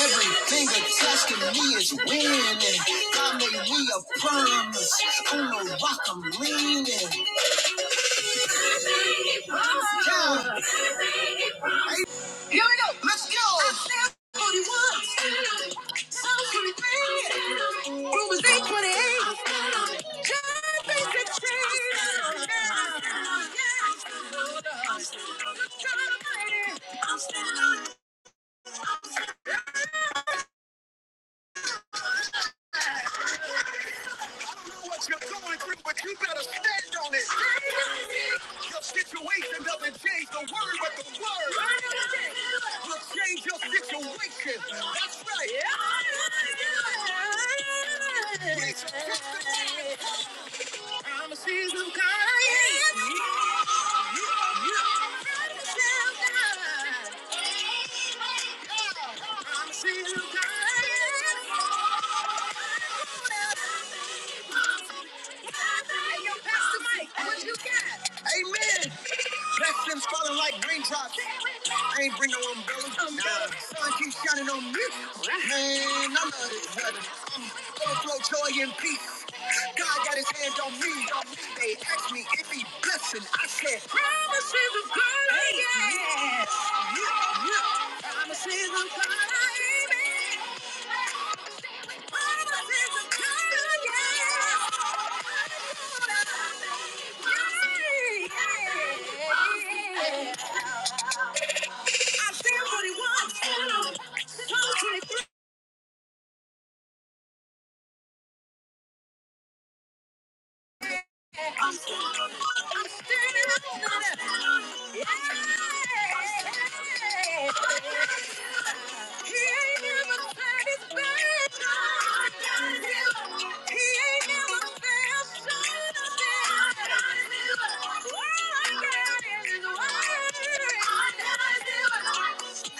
Everything attached to me is winning. God made me a promise. On the rock I'm leaning. Yeah. Let's go. i 41, 23, Romans 8, 28. God the change. Yeah. Yeah. God Almighty. Know What you're going through, but you better stand on it. Your situation doesn't change the word, but the word will change your situation. That's right. Yes, yes, yes. Promises of God. Yeah, yeah, yeah. Amen. Black flames falling like raindrops. I ain't bring no umbrellas. Sun keeps shining on me. Man, I love this weather. I'm overflow joy and peace. God got his hand on me. They asked me if he blessing. I said, Promises is good. Yeah. Yeah. Yeah. I'm a season baby. I'm a season yeah. I feel what he wants. Come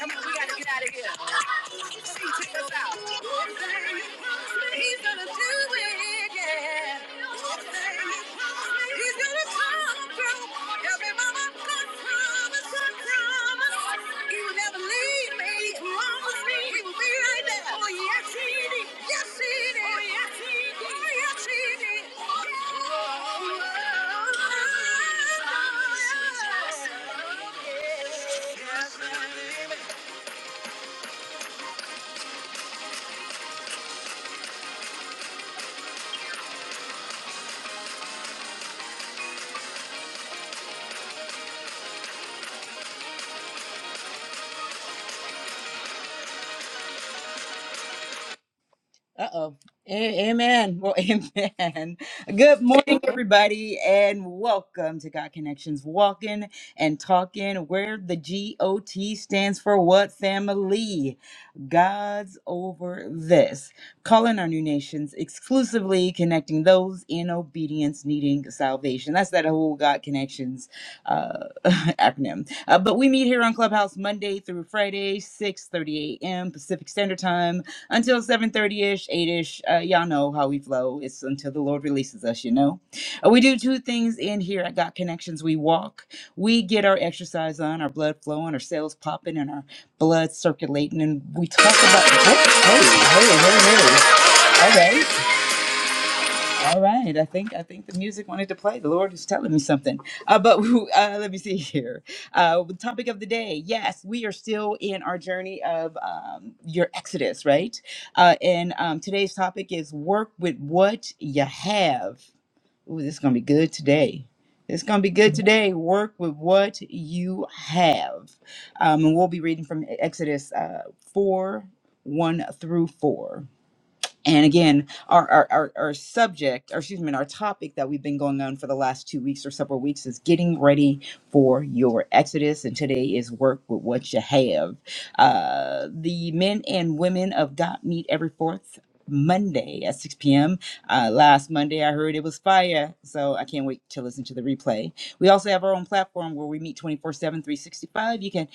on, we gotta get out of here. See, check this out. He's gonna do it, yeah. He's gonna come through. Every mama could promise, could promise. He will never leave me, promise me. He will be right there. Oh, yes, he did. Yes, he did. Oh, yes, he did. Oh, yes, he did. Oh, yes, he did. Uh oh. Amen. Well, amen. Good morning, everybody, and welcome to God Connections Walking and Talking, where the G O T stands for what family? God's over this. Calling our new nations exclusively connecting those in obedience needing salvation. That's that whole God Connections uh, acronym. Uh, but we meet here on Clubhouse Monday through Friday, 6 30 a.m. Pacific Standard Time until 7.30ish 8ish uh, y'all know how we flow it's until the lord releases us you know Uh, we do two things in here at got connections we walk we get our exercise on our blood flowing our cells popping and our blood circulating and we talk about what? hey, all right all right, I think I think the music wanted to play. The Lord is telling me something. Uh, but uh, let me see here. Uh, the topic of the day. Yes, we are still in our journey of um, your Exodus, right? Uh, and um, today's topic is work with what you have. Ooh, this is gonna be good today. It's gonna be good today. Work with what you have, um, and we'll be reading from Exodus uh, four one through four. And again, our, our, our, our subject, or excuse me, our topic that we've been going on for the last two weeks or several weeks is getting ready for your Exodus. And today is work with what you have. Uh, the men and women of God meet every fourth Monday at 6 p.m. Uh, last Monday, I heard it was fire. So I can't wait to listen to the replay. We also have our own platform where we meet twenty four seven, three sixty five. You can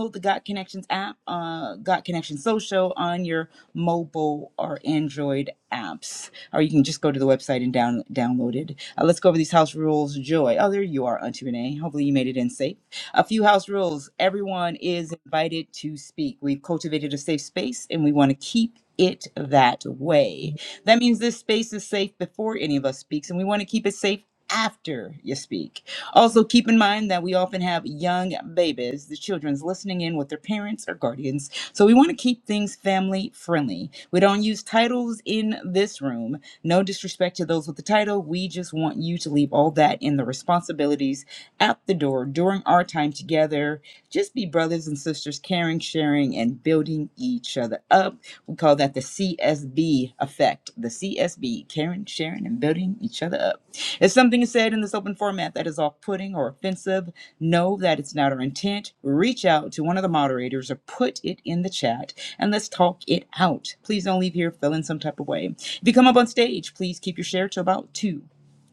download the God Connections app, uh, God Connections Social on your mobile or Android apps. Or you can just go to the website and down, download it. Uh, let's go over these house rules. Joy. Oh, there you are, Auntie Renee. Hopefully you made it in safe. A few house rules. Everyone is invited to speak. We've cultivated a safe space and we want to keep it that way. That means this space is safe before any of us speaks, and we want to keep it safe after you speak. Also, keep in mind that we often have young babies, the children's listening in with their parents or guardians so we want to keep things family friendly. We don't use titles in this room. No disrespect to those with the title. We just want you to leave all that in the responsibilities at the door during our time together. Just be brothers and sisters, caring, sharing, and building each other up. We call that the CSB effect. The CSB, caring, sharing, and building each other up. If something is said in this open format that is off putting or offensive, know that it's not our intent. Reach out to one of the moderators or put it in the chat and let's talk it out. Please don't leave here feeling some type of way. If you come up on stage, please keep your share to about two.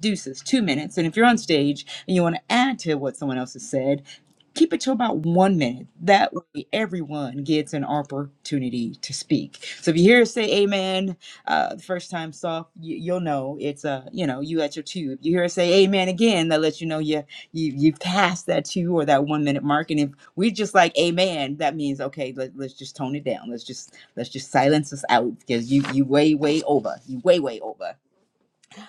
Deuces, two minutes. And if you're on stage and you want to add to what someone else has said, keep it to about one minute. That way, everyone gets an opportunity to speak. So if you hear us say amen, uh, the first time soft, you, you'll know it's a, uh, you know, you at your tube. You hear her say "Amen" again, that lets you know you you you've passed that two or that one minute mark. And if we just like "Amen," that means okay. Let, let's just tone it down. Let's just let's just silence us out because you you way way over. You way way over.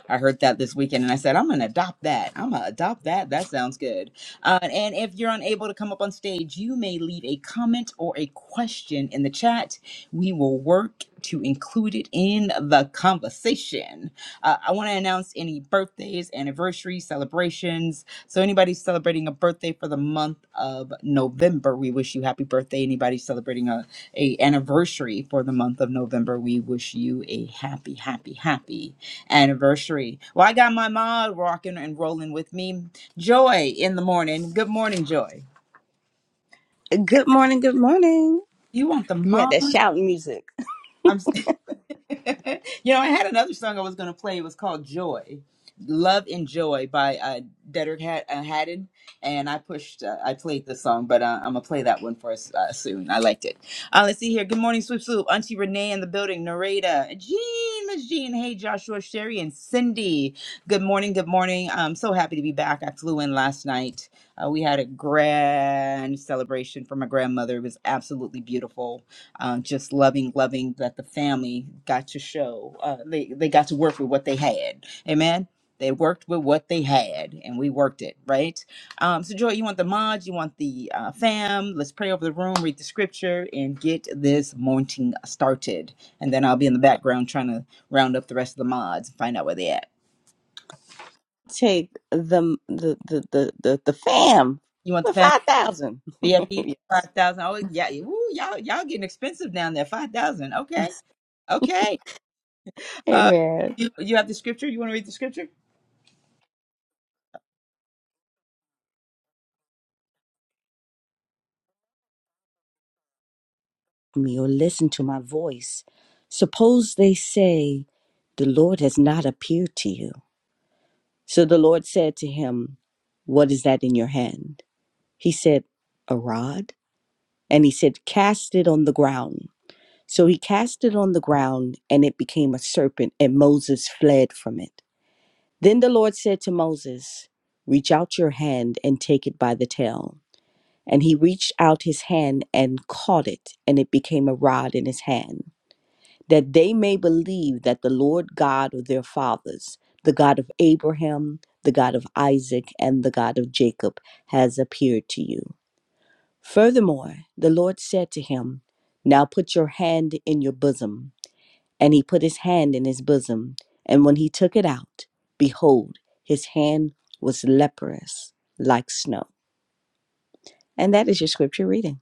I heard that this weekend and I said, I'm going to adopt that. I'm going to adopt that. That sounds good. Uh, and if you're unable to come up on stage, you may leave a comment or a question in the chat. We will work to include it in the conversation. Uh, I want to announce any birthdays, anniversaries, celebrations. So, anybody celebrating a birthday for the month of November, we wish you happy birthday. Anybody celebrating a, a anniversary for the month of November, we wish you a happy, happy, happy anniversary. Well, I got my mod rocking and rolling with me. Joy in the morning. Good morning, Joy. Good morning, good morning. You want the You had that mod? shout music. I'm. you know, I had another song I was going to play. It was called Joy, Love and Joy by uh, Dedrick Had- uh, Haddon. And I pushed, uh, I played the song, but uh, I'm going to play that one for us uh, soon. I liked it. Uh, let's see here. Good morning, Swoop Swoop. Auntie Renee in the building, Nareda, Jean, Miss Jean. Hey, Joshua, Sherry, and Cindy. Good morning. Good morning. I'm so happy to be back. I flew in last night. Uh, we had a grand celebration for my grandmother. It was absolutely beautiful um, just loving, loving that the family got to show. Uh, they they got to work with what they had. Amen. They worked with what they had, and we worked it right. Um, so, Joy, you want the mods, you want the uh, fam. Let's pray over the room, read the scripture, and get this morning started. And then I'll be in the background trying to round up the rest of the mods and find out where they at. Take the the the the the, the fam You want the for fam five thousand. VIP five thousand? Oh yeah, Ooh, y'all y'all getting expensive down there. Five thousand, okay, okay. Uh, Amen. you, you have the scripture? You want to read the scripture? Me or listen to my voice. Suppose they say the Lord has not appeared to you. So the Lord said to him, What is that in your hand? He said, A rod. And he said, Cast it on the ground. So he cast it on the ground, and it became a serpent, and Moses fled from it. Then the Lord said to Moses, Reach out your hand and take it by the tail. And he reached out his hand and caught it, and it became a rod in his hand, that they may believe that the Lord God of their fathers, the God of Abraham, the God of Isaac, and the God of Jacob, has appeared to you. Furthermore, the Lord said to him, Now put your hand in your bosom. And he put his hand in his bosom, and when he took it out, behold, his hand was leprous like snow. And that is your scripture reading.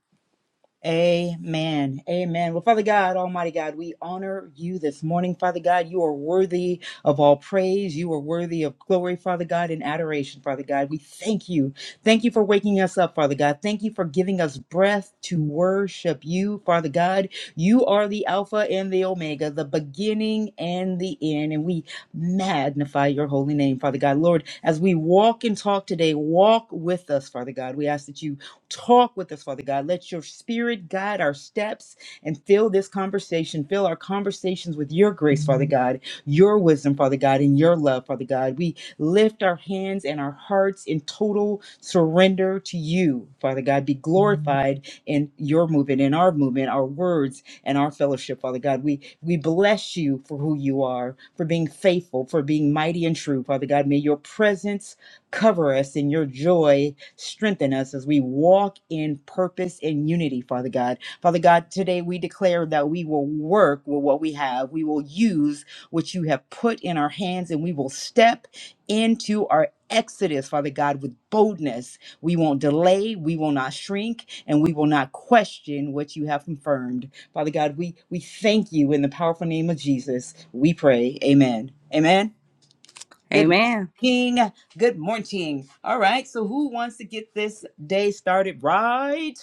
Amen. Amen. Well, Father God, Almighty God, we honor you this morning, Father God. You are worthy of all praise. You are worthy of glory, Father God, and adoration, Father God. We thank you. Thank you for waking us up, Father God. Thank you for giving us breath to worship you, Father God. You are the Alpha and the Omega, the beginning and the end. And we magnify your holy name, Father God. Lord, as we walk and talk today, walk with us, Father God. We ask that you Talk with us, Father God. Let your spirit guide our steps and fill this conversation, fill our conversations with your grace, Father God, your wisdom, Father God, and your love, Father God. We lift our hands and our hearts in total surrender to you, Father God. Be glorified in your movement, in our movement, our words, and our fellowship, Father God. We we bless you for who you are, for being faithful, for being mighty and true, Father God. May your presence cover us in your joy Strengthen us as we walk in purpose and unity, Father God. Father God, today we declare that we will work with what we have. We will use what you have put in our hands and we will step into our exodus, Father God, with boldness. We won't delay, we will not shrink, and we will not question what you have confirmed. Father God, we, we thank you in the powerful name of Jesus. We pray. Amen. Amen. Good Amen. morning. Good morning. All right. So, who wants to get this day started right?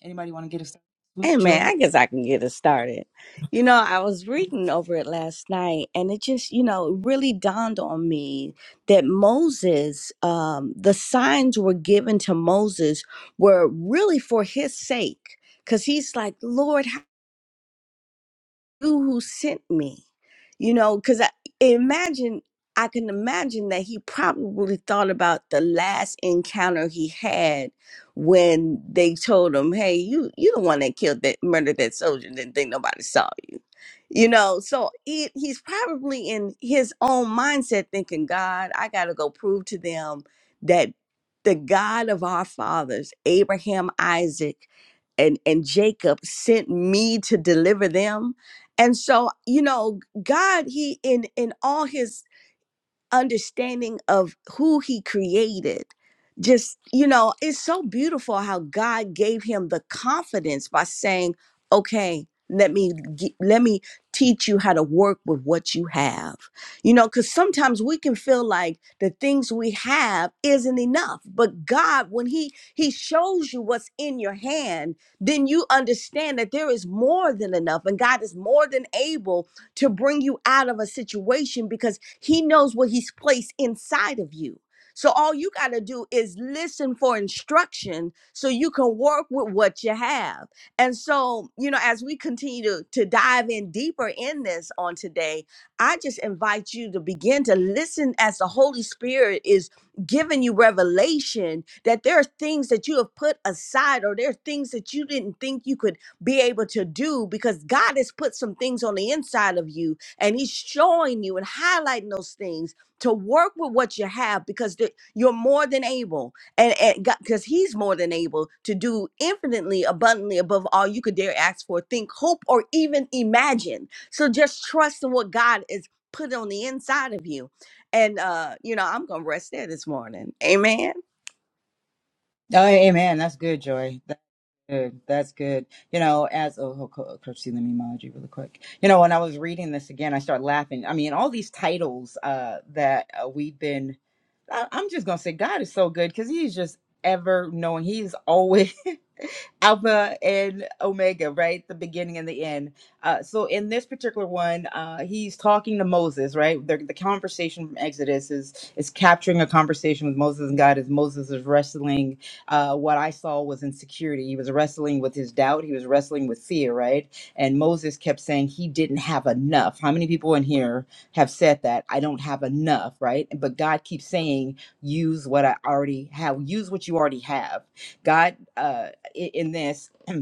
Anybody want to get us started? Swoop, Amen. Joy? I guess I can get us started. You know, I was reading over it last night and it just, you know, it really dawned on me that Moses, um, the signs were given to Moses were really for his sake. Cause he's like, Lord, you who sent me you know because i imagine i can imagine that he probably thought about the last encounter he had when they told him hey you you the one that killed that murdered that soldier and didn't think nobody saw you you know so he, he's probably in his own mindset thinking god i gotta go prove to them that the god of our fathers abraham isaac and and jacob sent me to deliver them and so, you know, God, he in in all his understanding of who he created just you know it's so beautiful how god gave him the confidence by saying okay let me gi- let me teach you how to work with what you have you know because sometimes we can feel like the things we have isn't enough but god when he he shows you what's in your hand then you understand that there is more than enough and god is more than able to bring you out of a situation because he knows what He's placed inside of you. So all you got to do is listen for instruction so you can work with what you have. And so, you know, as we continue to, to dive in deeper in this on today, I just invite you to begin to listen as the Holy Spirit is giving you revelation that there are things that you have put aside or there are things that you didn't think you could be able to do because God has put some things on the inside of you and he's showing you and highlighting those things to work with what you have because the, you're more than able and because he's more than able to do infinitely abundantly above all you could dare ask for think hope or even imagine so just trust in what god is put on the inside of you and uh you know i'm gonna rest there this morning amen Oh, amen. That's good, Joy. That's good. That's good. You know, as oh, oh, Co- Coach C, let me mod you really quick. You know, when I was reading this again, I started laughing. I mean, all these titles uh, that uh, we've been. I, I'm just gonna say, God is so good because He's just ever knowing. He's always Alpha and Omega, right? The beginning and the end. Uh, so in this particular one, uh, he's talking to Moses, right? The, the conversation from Exodus is is capturing a conversation with Moses and God as Moses is wrestling. Uh, what I saw was insecurity. He was wrestling with his doubt. He was wrestling with fear, right? And Moses kept saying he didn't have enough. How many people in here have said that? I don't have enough, right? But God keeps saying, use what I already have. Use what you already have. God. Uh, in this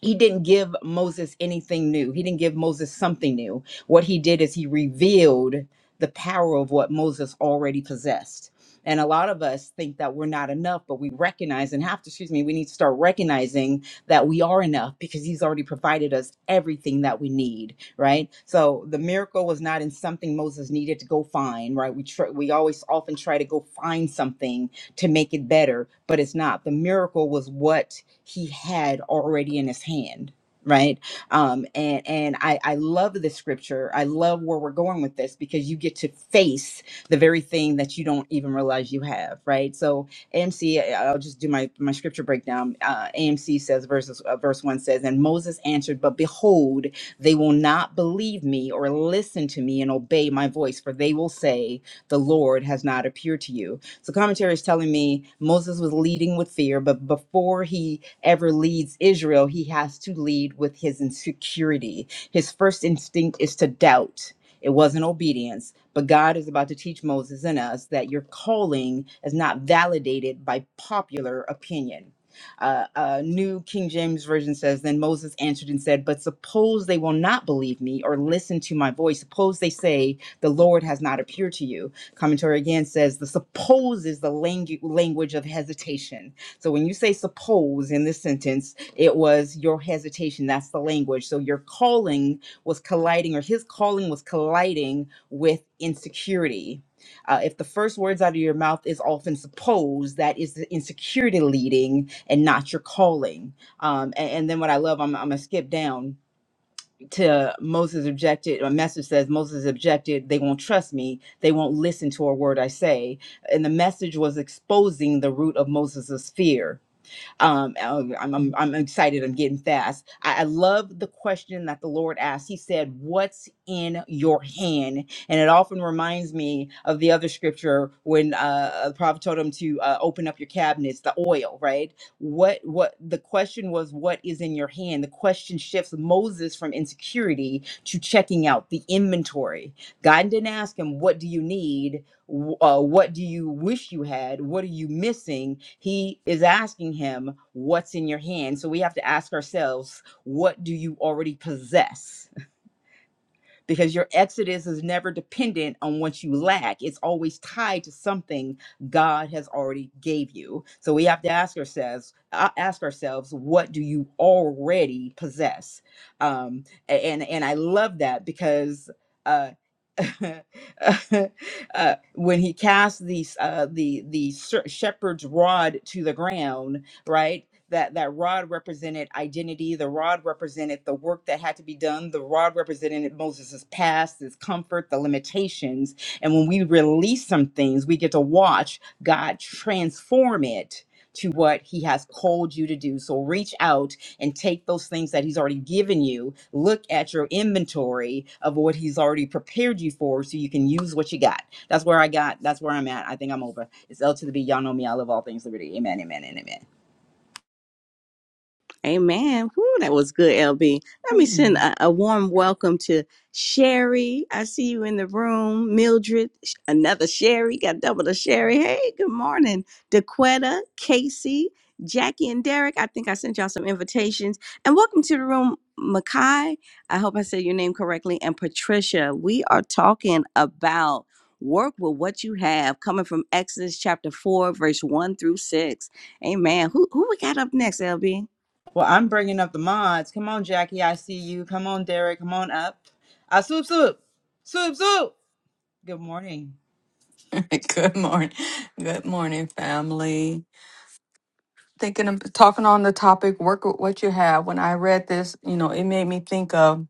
he didn't give Moses anything new. He didn't give Moses something new. What he did is he revealed the power of what Moses already possessed. And a lot of us think that we're not enough, but we recognize and have to, excuse me, we need to start recognizing that we are enough because he's already provided us everything that we need, right? So the miracle was not in something Moses needed to go find, right? We tr- we always often try to go find something to make it better, but it's not. The miracle was what he had already in his hand right um and and i i love the scripture i love where we're going with this because you get to face the very thing that you don't even realize you have right so amc I- will just do my my scripture breakdown uh amc says verses uh, verse one says and moses answered but behold they will not believe me or listen to me and obey my voice for they will say the lord has not appeared to you so commentary is telling me Moses was leading with fear, but before he ever leads Israel, he has to lead with his insecurity. His first instinct is to doubt. It wasn't obedience, but God is about to teach Moses and us that your calling is not validated by popular opinion. Uh, uh, New King James Version says, Then Moses answered and said, But suppose they will not believe me or listen to my voice. Suppose they say, The Lord has not appeared to you. Commentary again says the suppose is the langu- language of hesitation. So when you say suppose in this sentence, it was your hesitation. That's the language. So your calling was colliding, or his calling was colliding with insecurity. Uh, if the first words out of your mouth is often suppose, that is the insecurity leading and not your calling. Um, a- and, then what I love, I'm, I'm going to skip down to Moses objected, a message says, Moses objected, they won't trust me, they won't listen to a word I say. And the message was exposing the root of Moses's fear um, um, I'm, I'm, I'm excited. I'm getting fast. I, I love the question that the Lord asked. He said, What's in your hand? And it often reminds me of the other scripture when uh, the prophet told him to uh, open up your cabinets, the oil, right? What, what the question was, What is in your hand? The question shifts Moses from insecurity to checking out the inventory. God didn't ask him, What do you need? w- uh, what do you wish you had? What are you missing? He is asking him, What's in your hand? So we have to ask ourselves, What do you already possess? because your exodus is never dependent on what you lack it's always tied to something god has already gave you so we have to ask ourselves uh, ask ourselves what do you already possess um a- and and i love that because uh uh, when he cast these uh, the the sher- shepherd's rod to the ground, right? That that rod represented identity. The rod represented the work that had to be done. The rod represented Moses' past, his comfort, the limitations. And when we release some things, we get to watch God transform it to what he has called you to do. So reach out and take those things that he's already given you. Look at your inventory of what he's already prepared you for so you can use what you got. That's where I got. That's where I'm at. I think I'm over. It's L to the B. Y'all know me. I love all things liberty. Amen, amen, and amen. Amen. Woo, that was good, LB. Let me send a, a warm welcome to Sherry. I see you in the room. Mildred, sh- another Sherry, got double the Sherry. Hey, good morning. DeQuetta, Casey, Jackie, and Derek. I think I sent y'all some invitations. And welcome to the room, Makai. I hope I said your name correctly. And Patricia, we are talking about work with what you have, coming from Exodus chapter 4, verse 1 through 6. Amen. Who, who we got up next, LB? Well, I'm bringing up the mods. Come on, Jackie. I see you. Come on, Derek. Come on up. Uh, swoop, swoop. Swoop, swoop. Good morning. Good morning. Good morning, family. Thinking of talking on the topic, work with what you have. When I read this, you know, it made me think of,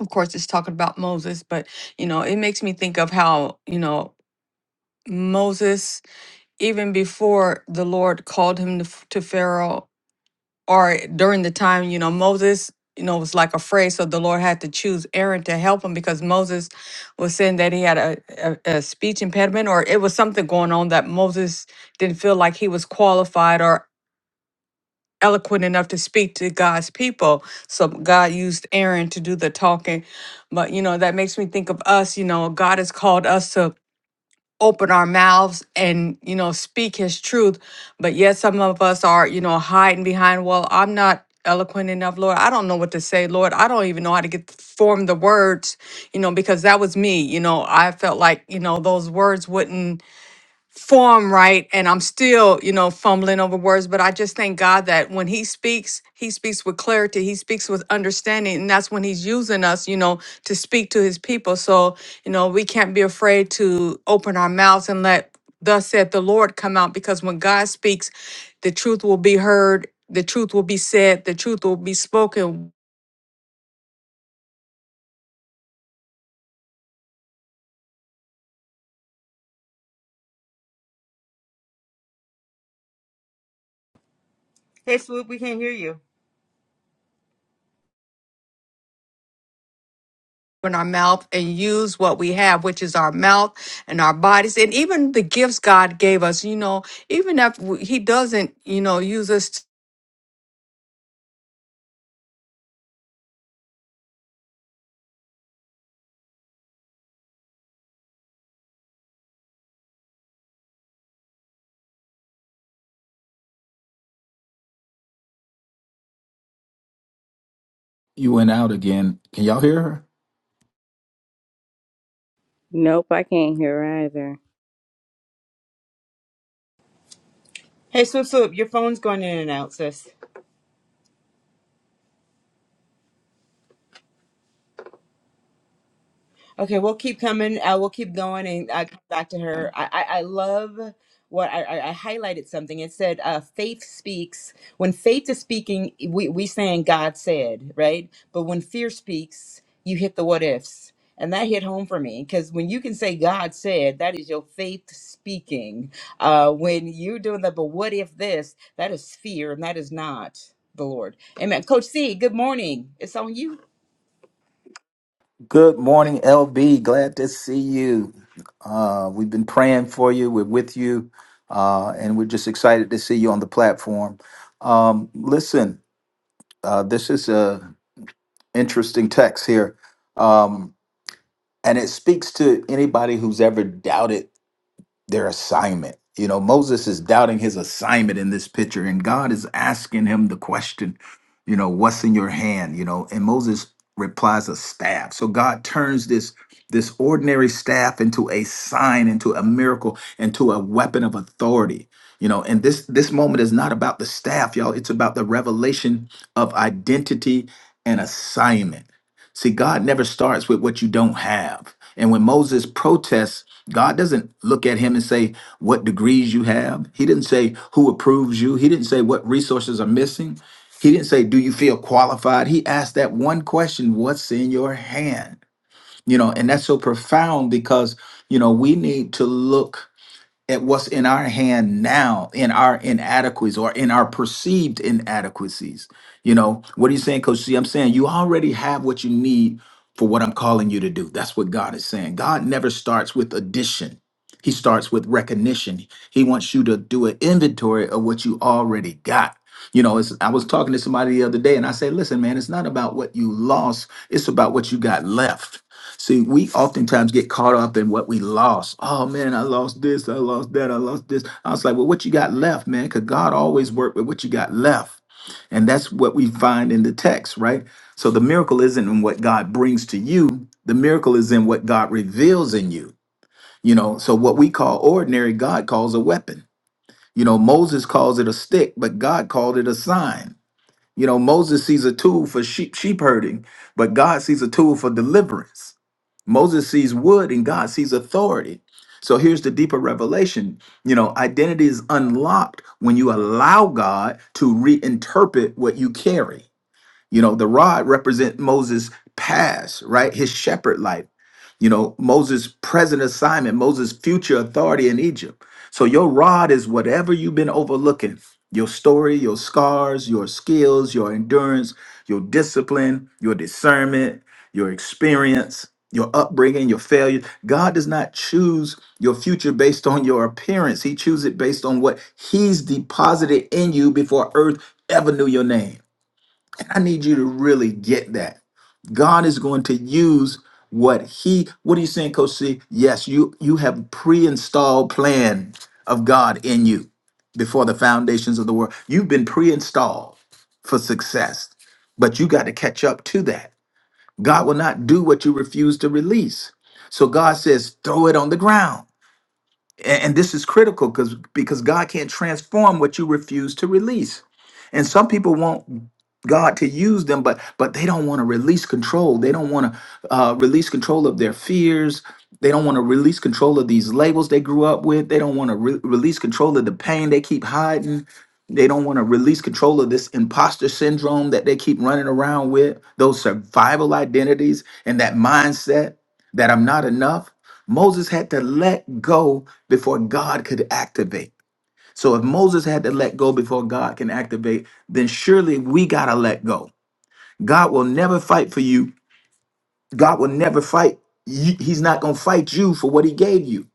of course, it's talking about Moses, but, you know, it makes me think of how, you know, Moses, even before the Lord called him to, to Pharaoh or during the time, you know, Moses, you know, was like afraid. So the Lord had to choose Aaron to help him because Moses was saying that he had a, a, a speech impediment or it was something going on that Moses didn't feel like he was qualified or eloquent enough to speak to God's people. So God used Aaron to do the talking. But, you know, that makes me think of us, you know, God has called us to open our mouths and you know speak his truth but yet some of us are you know hiding behind well i'm not eloquent enough lord i don't know what to say lord i don't even know how to get form the words you know because that was me you know i felt like you know those words wouldn't form right and i'm still you know fumbling over words but i just thank god that when he speaks he speaks with clarity he speaks with understanding and that's when he's using us you know to speak to his people so you know we can't be afraid to open our mouths and let thus said the lord come out because when god speaks the truth will be heard the truth will be said the truth will be spoken Hey, swoop. We can't hear you. open our mouth and use what we have, which is our mouth and our bodies, and even the gifts God gave us. You know, even if we- He doesn't, you know, use us. To, You went out again. Can y'all hear her? Nope, I can't hear either. Hey, swoop, swoop. Your phone's going in and out, sis. Okay, we'll keep coming. Uh, we'll keep going and uh, come back to her. I, I, I love what I, I, I highlighted something. It said, uh, faith speaks. When faith is speaking, we, we saying God said, right? But when fear speaks, you hit the what ifs. And that hit home for me because when you can say God said, that is your faith speaking. Uh, when you're doing that, but what if this? That is fear and that is not the Lord. Amen. Coach C, good morning. It's on you. Good morning, LB. Glad to see you. Uh, we've been praying for you. We're with you, uh, and we're just excited to see you on the platform. Um, listen, uh, this is a interesting text here, um, and it speaks to anybody who's ever doubted. their assignment. You know, Moses is doubting his assignment in this picture, and God is asking him the question, you know, what's in your hand? You know, and Moses replies a staff. So God turns this this ordinary staff into a sign, into a miracle, into a weapon of authority. You know, and this this moment is not about the staff, y'all. It's about the revelation of identity and assignment. See, God never starts with what you don't have. And when Moses protests, God doesn't look at him and say what degrees you have. He didn't say who approves you. He didn't say what resources are missing. He didn't say, Do you feel qualified? He asked that one question What's in your hand? You know, and that's so profound because, you know, we need to look at what's in our hand now in our inadequacies or in our perceived inadequacies you know what are you saying coach c i'm saying you already have what you need for what i'm calling you to do that's what god is saying god never starts with addition he starts with recognition he wants you to do an inventory of what you already got you know it's, i was talking to somebody the other day and i said listen man it's not about what you lost it's about what you got left See, we oftentimes get caught up in what we lost. Oh man, I lost this, I lost that, I lost this. I was like, well, what you got left, man? Because God always worked with what you got left. And that's what we find in the text, right? So the miracle isn't in what God brings to you, the miracle is in what God reveals in you. You know, so what we call ordinary, God calls a weapon. You know, Moses calls it a stick, but God called it a sign. You know, Moses sees a tool for sheep sheep herding, but God sees a tool for deliverance. Moses sees wood and God sees authority. So here's the deeper revelation. You know, identity is unlocked when you allow God to reinterpret what you carry. You know, the rod represent Moses' past, right? His shepherd life. You know, Moses' present assignment, Moses' future authority in Egypt. So your rod is whatever you've been overlooking. Your story, your scars, your skills, your endurance, your discipline, your discernment, your experience, your upbringing, your failure. God does not choose your future based on your appearance. He chooses it based on what he's deposited in you before earth ever knew your name. I need you to really get that. God is going to use what he what are you saying, Coach C? Yes, you you have pre-installed plan of God in you before the foundations of the world. You've been pre-installed for success, but you got to catch up to that. God will not do what you refuse to release. So God says, throw it on the ground a- and this is critical because because god can't transform what you refuse to release and some people want god to use them but but they don't want to release control they don't want to uh, release control of their fears they don't want to release control of these labels they grew up with they don't want to re- release control of the pain they keep hiding they don't want to release control of this imposter syndrome that they keep running around with those survival identities and that mindset that i'm not enough Moses had to let go before God could activate. So if Moses had to let go before God can activate, then surely we got to let go. God will never fight for you. God will never fight. you- He's not going to fight you for what he gave you,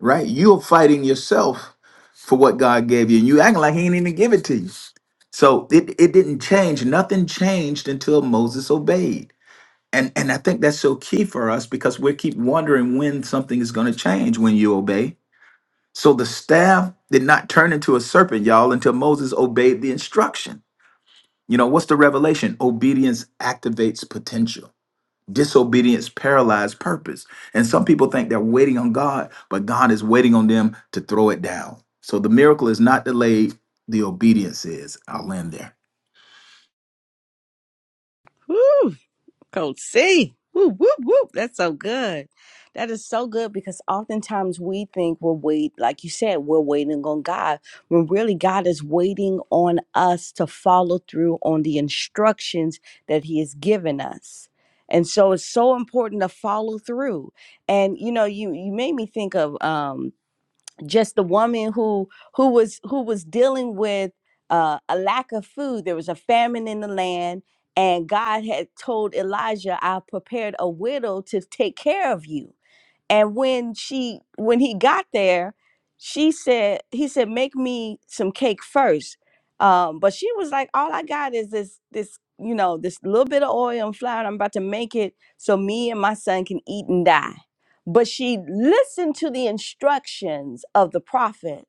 right? You're fighting yourself for what God gave you. And you acting like he ain't even give it to you. So it, it didn't change. Nothing changed until Moses obeyed. And and I think that's so key for us because we keep wondering when something is going to change when you obey so the staff did not turn into a serpent, y'all, until Moses obeyed the instruction. You know, what's the revelation? Obedience activates potential. Disobedience paralyzes purpose. And some people think they're waiting on God, but God is waiting on them to throw it down. So the miracle is not delayed, the obedience is. I'll end there. Woo, Coach C. Woo, woo, woo. That's so good. That is so good because oftentimes we think we're wait, like you said, we're waiting on God when really God is waiting on us to follow through on the instructions that He has given us. And so it's so important to follow through. And you know, you you made me think of um just the woman who who was who was dealing with uh, a lack of food. There was a famine in the land, and God had told Elijah, "I prepared a widow to take care of you." And when she when he got there, she said he said make me some cake first." Um, but she was like, all I got is this this you know this little bit of oil and flour. And I'm about to make it so me and my son can eat and die. But she listened to the instructions of the prophet,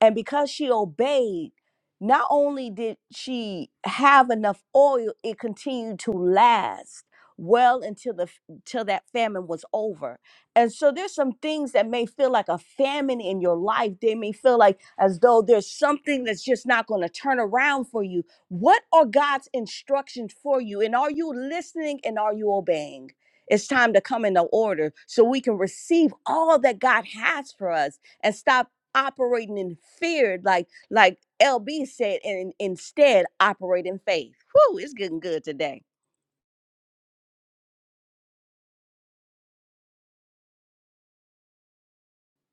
and because she obeyed, not only did she have enough oil, it continued to last well until the f- till that famine was over and so there's some things that may feel like a famine in your life. They may feel like as though there's something that's just not going to turn around for you. What are God's instructions for you? And are you listening and are you obeying? It's time to come into order so we can receive all that God has for us and stop operating in fear, like like LB said, and instead operate in faith. Whoo, it's getting good today.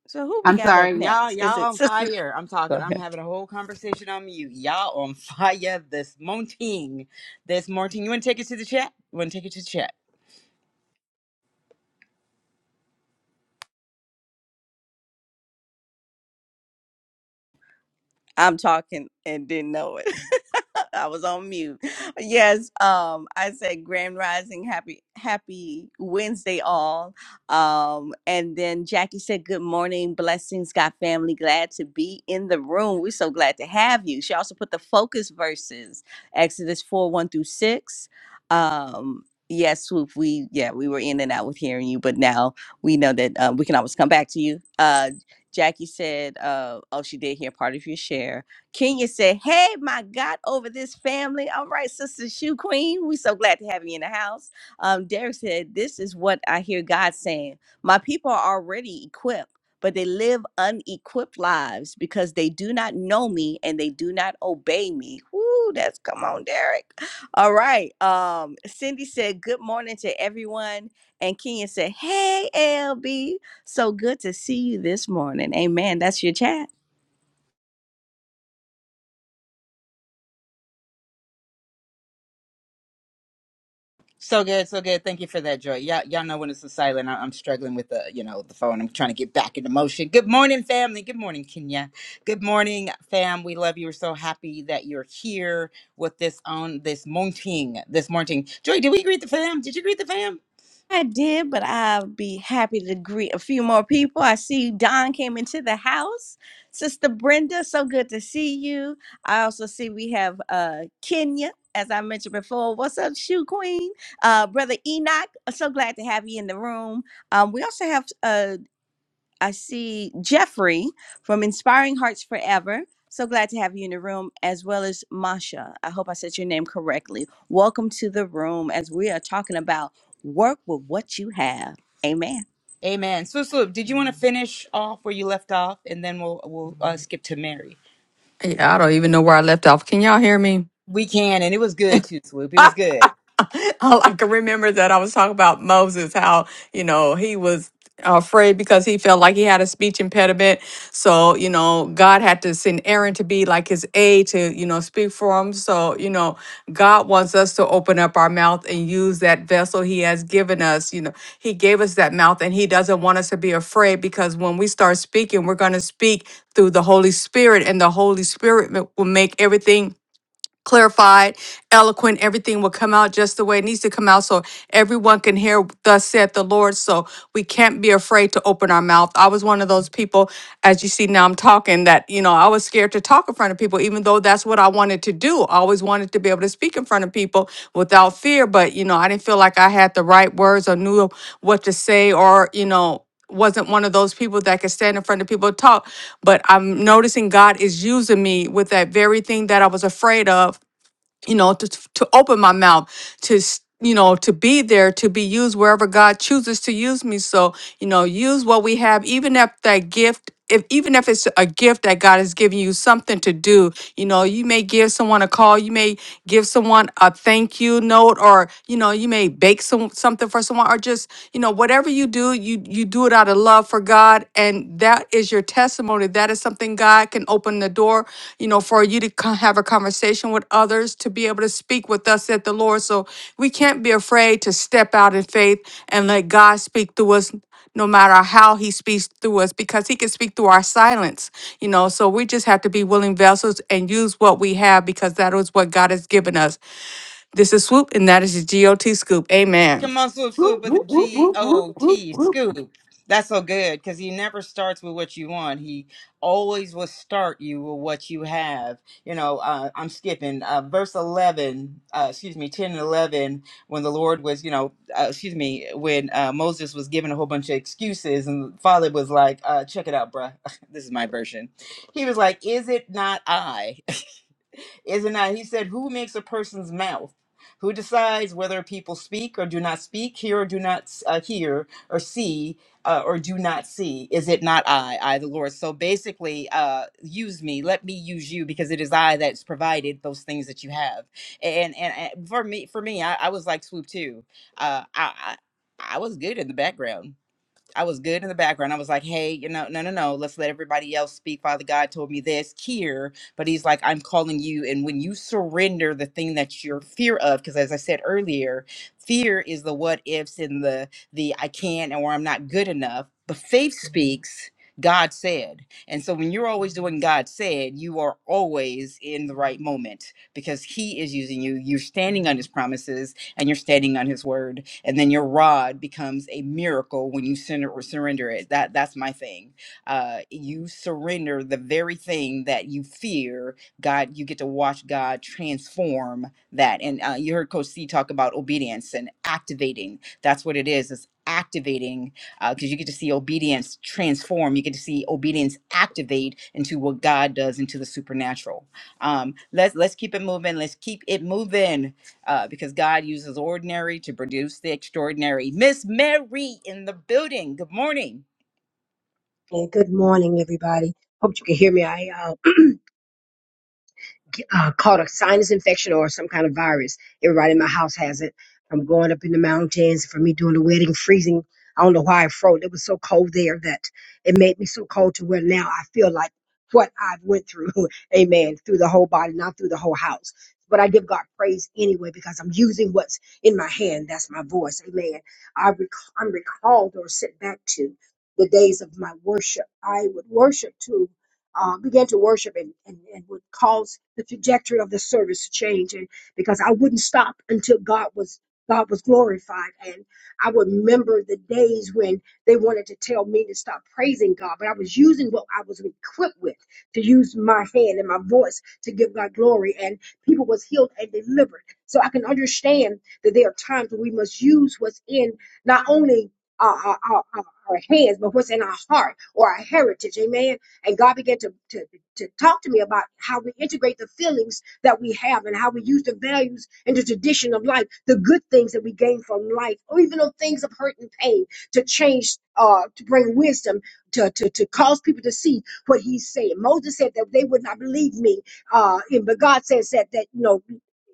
So who we I'm got up sorry, y'all. next? Is Y'all it on sister? fire. I'm Go talking. I'm ahead. having a whole conversation on mute. Y'all on fire this morning. This morning. You want to take it to the chat? You want to take it to the chat? I'm talking and didn't know it. I was on mute. Yes, um, I said Grand Rising, happy happy Wednesday all. Um, and then Jackie said, Good morning, blessings, God family. Glad to be in the room. We're so glad to have you. She also put the focus verses, Exodus 4, 1 through 6. Um Yes, swoop. We yeah, we were in and out with hearing you, but now we know that uh, we can always come back to you. Uh, Jackie said, uh, oh, she did hear part of your share. Kenya said, hey, my God, over this family. All right, Sister Shoe Queen, we so glad to have you in the house. Um, Derek said, this is what I hear God saying. My people are already equipped, but they live unequipped lives because they do not know me and they do not obey me. Woo, that's come on, Derek. All right. Um, Cindy said, good morning to everyone. And Kenya said, hey, LB. So good to see you this morning. Amen. That's your chat. So good, so good. Thank you for that, Joy. Y'all, y'all know when it's a silent. I- I'm struggling with the, you know, the phone. I'm trying to get back into motion. Good morning, family. Good morning, Kenya. Good morning, fam. We love you. We're so happy that you're here with this on this morning. This morning, Joy. Did we greet the fam? Did you greet the fam? I did, but I'll be happy to greet a few more people. I see Don came into the house. Sister Brenda, so good to see you. I also see we have uh Kenya, as I mentioned before. What's up, Shoe Queen? Uh Brother Enoch, so glad to have you in the room. Um, we also have uh, I see Jeffrey from Inspiring Hearts Forever. So glad to have you in the room, as well as Masha. I hope I said your name correctly. Welcome to the room as we are talking about work with what you have. Amen. Amen. So, so did you want to finish off where you left off, and then we'll we'll uh, skip to Mary? yeah, I don't even know where I left off. Can y'all hear me? We can, and it was good too, Swoop. It was good. All I can remember is that I was talking about Moses, how, you know, he was afraid because he felt like he had a speech impediment. So, you know, God had to send Aaron to be like his aide to, you know, speak for him. So, you know, God wants us to open up our mouth and use that vessel he has given us. You know, he gave us that mouth and he doesn't want us to be afraid because when we start speaking, we're going to speak through the Holy Spirit and the Holy Spirit ma- will make everything clarified, eloquent, everything will come out just the way it needs to come out so everyone can hear thus saith the Lord. So we can't be afraid to open our mouth. I was one of those people, as you see now I'm talking, that, you know, I was scared to talk in front of people, even though that's what I wanted to do. I always wanted to be able to speak in front of people without fear, but, you know, I didn't feel like I had the right words or knew what to say or, you know, wasn't one of those people that could stand in front of people and talk. But I'm noticing God is using me with that very thing that I was afraid of, you know, to, to open my mouth, to, s- you know, to be there, to be used wherever God chooses to use me. So, you know, use what we have, even if that gift. If, even if it's a gift that God has given you something to do, you know, you may give someone a call, you may give someone a thank you note or or you know you may bake some something for someone or just you know whatever you do you you do it out of love for god and that is your testimony that is something god can open the door you know for you to co- have a conversation with others to be able to speak with us at the lord so we can't be afraid to step out in faith and let god speak through us no matter how he speaks through us because he can speak through our silence you know so we just have to be willing vessels and use what we have because that is what god has given us this is Swoop, and that is the GOT Scoop. Amen. Come on, swoop, swoop Whoop, with the whoop, whoop, G whoop, O whoop, T, whoop, scoop. That's so good because he never starts with what you want. He always will start you with what you have. You know, uh, I'm skipping uh, verse 11, uh, excuse me, 10 and 11, when the Lord was, you know, uh, excuse me, when uh, Moses was given a whole bunch of excuses and Father was like, uh, check it out, bruh. this is my version. He was like, is it not I? Is it not? He said, Who makes a person's mouth? Who decides whether people speak or do not speak, hear or do not uh, hear, or see uh, or do not see? Is it not I, I the Lord? So basically, uh, use me. Let me use you because it is I that's provided those things that you have. And and, and for me, for me, I, I was like swoop too. Uh, I, I I was good in the background. I was good in the background. I was like, hey, you know, no, no, no, let's let everybody else speak. Father God told me this here, but he's like, I'm calling you. And when you surrender the thing that you're fear of, because as I said earlier, fear is the what ifs and the the I can't or I'm not good enough. But faith speaks. God said. And so when you're always doing God said, you are always in the right moment because he is using you. You're standing on his promises and you're standing on his word and then your rod becomes a miracle when you surrender surrender it that that's my thing uh you surrender the very thing that you fear god you get to watch god transform that and uh, you heard coach c talk about obedience and activating that's what it is it's activating because you get to see obedience transform you get to see obedience activate into what god does into the supernatural um let's let's keep it moving let's keep it moving uh, because God uses ordinary to produce the extraordinary. Miss Mary in the building. Good morning. Hey, Good morning, everybody. Hope you can hear me. I uh, uh, caught a sinus infection or some kind of virus. Everybody in my house has it. I'm going up in the mountains, for me doing the wedding, freezing. I don't know why I froze. It was so cold there that it made me so cold to where now I feel like what I've went through. Amen. Through the whole body, not through the whole house. But I give God praise anyway because I'm using what's in my hand. That's my voice. Amen. I rec- I'm recalled or sent back to the days of my worship. I would worship too uh, began to worship and, and, and would cause the trajectory of the service to change and because I wouldn't stop until God was God was glorified and I would remember the days when they wanted to tell me to stop praising God but I was using what I was equipped with to use my hand and my voice to give God glory and people was healed and delivered so I can understand that there are times when we must use what's in not only our, our, our, our our hands but what's in our heart or our heritage amen and God began to, to, to talk to me about how we integrate the feelings that we have and how we use the values and the tradition of life, the good things that we gain from life, or even on things of hurt and pain to change, uh, to bring wisdom, to, to, to cause people to see what he's saying. Moses said that they would not believe me. Uh, and, but God says that, that, you know,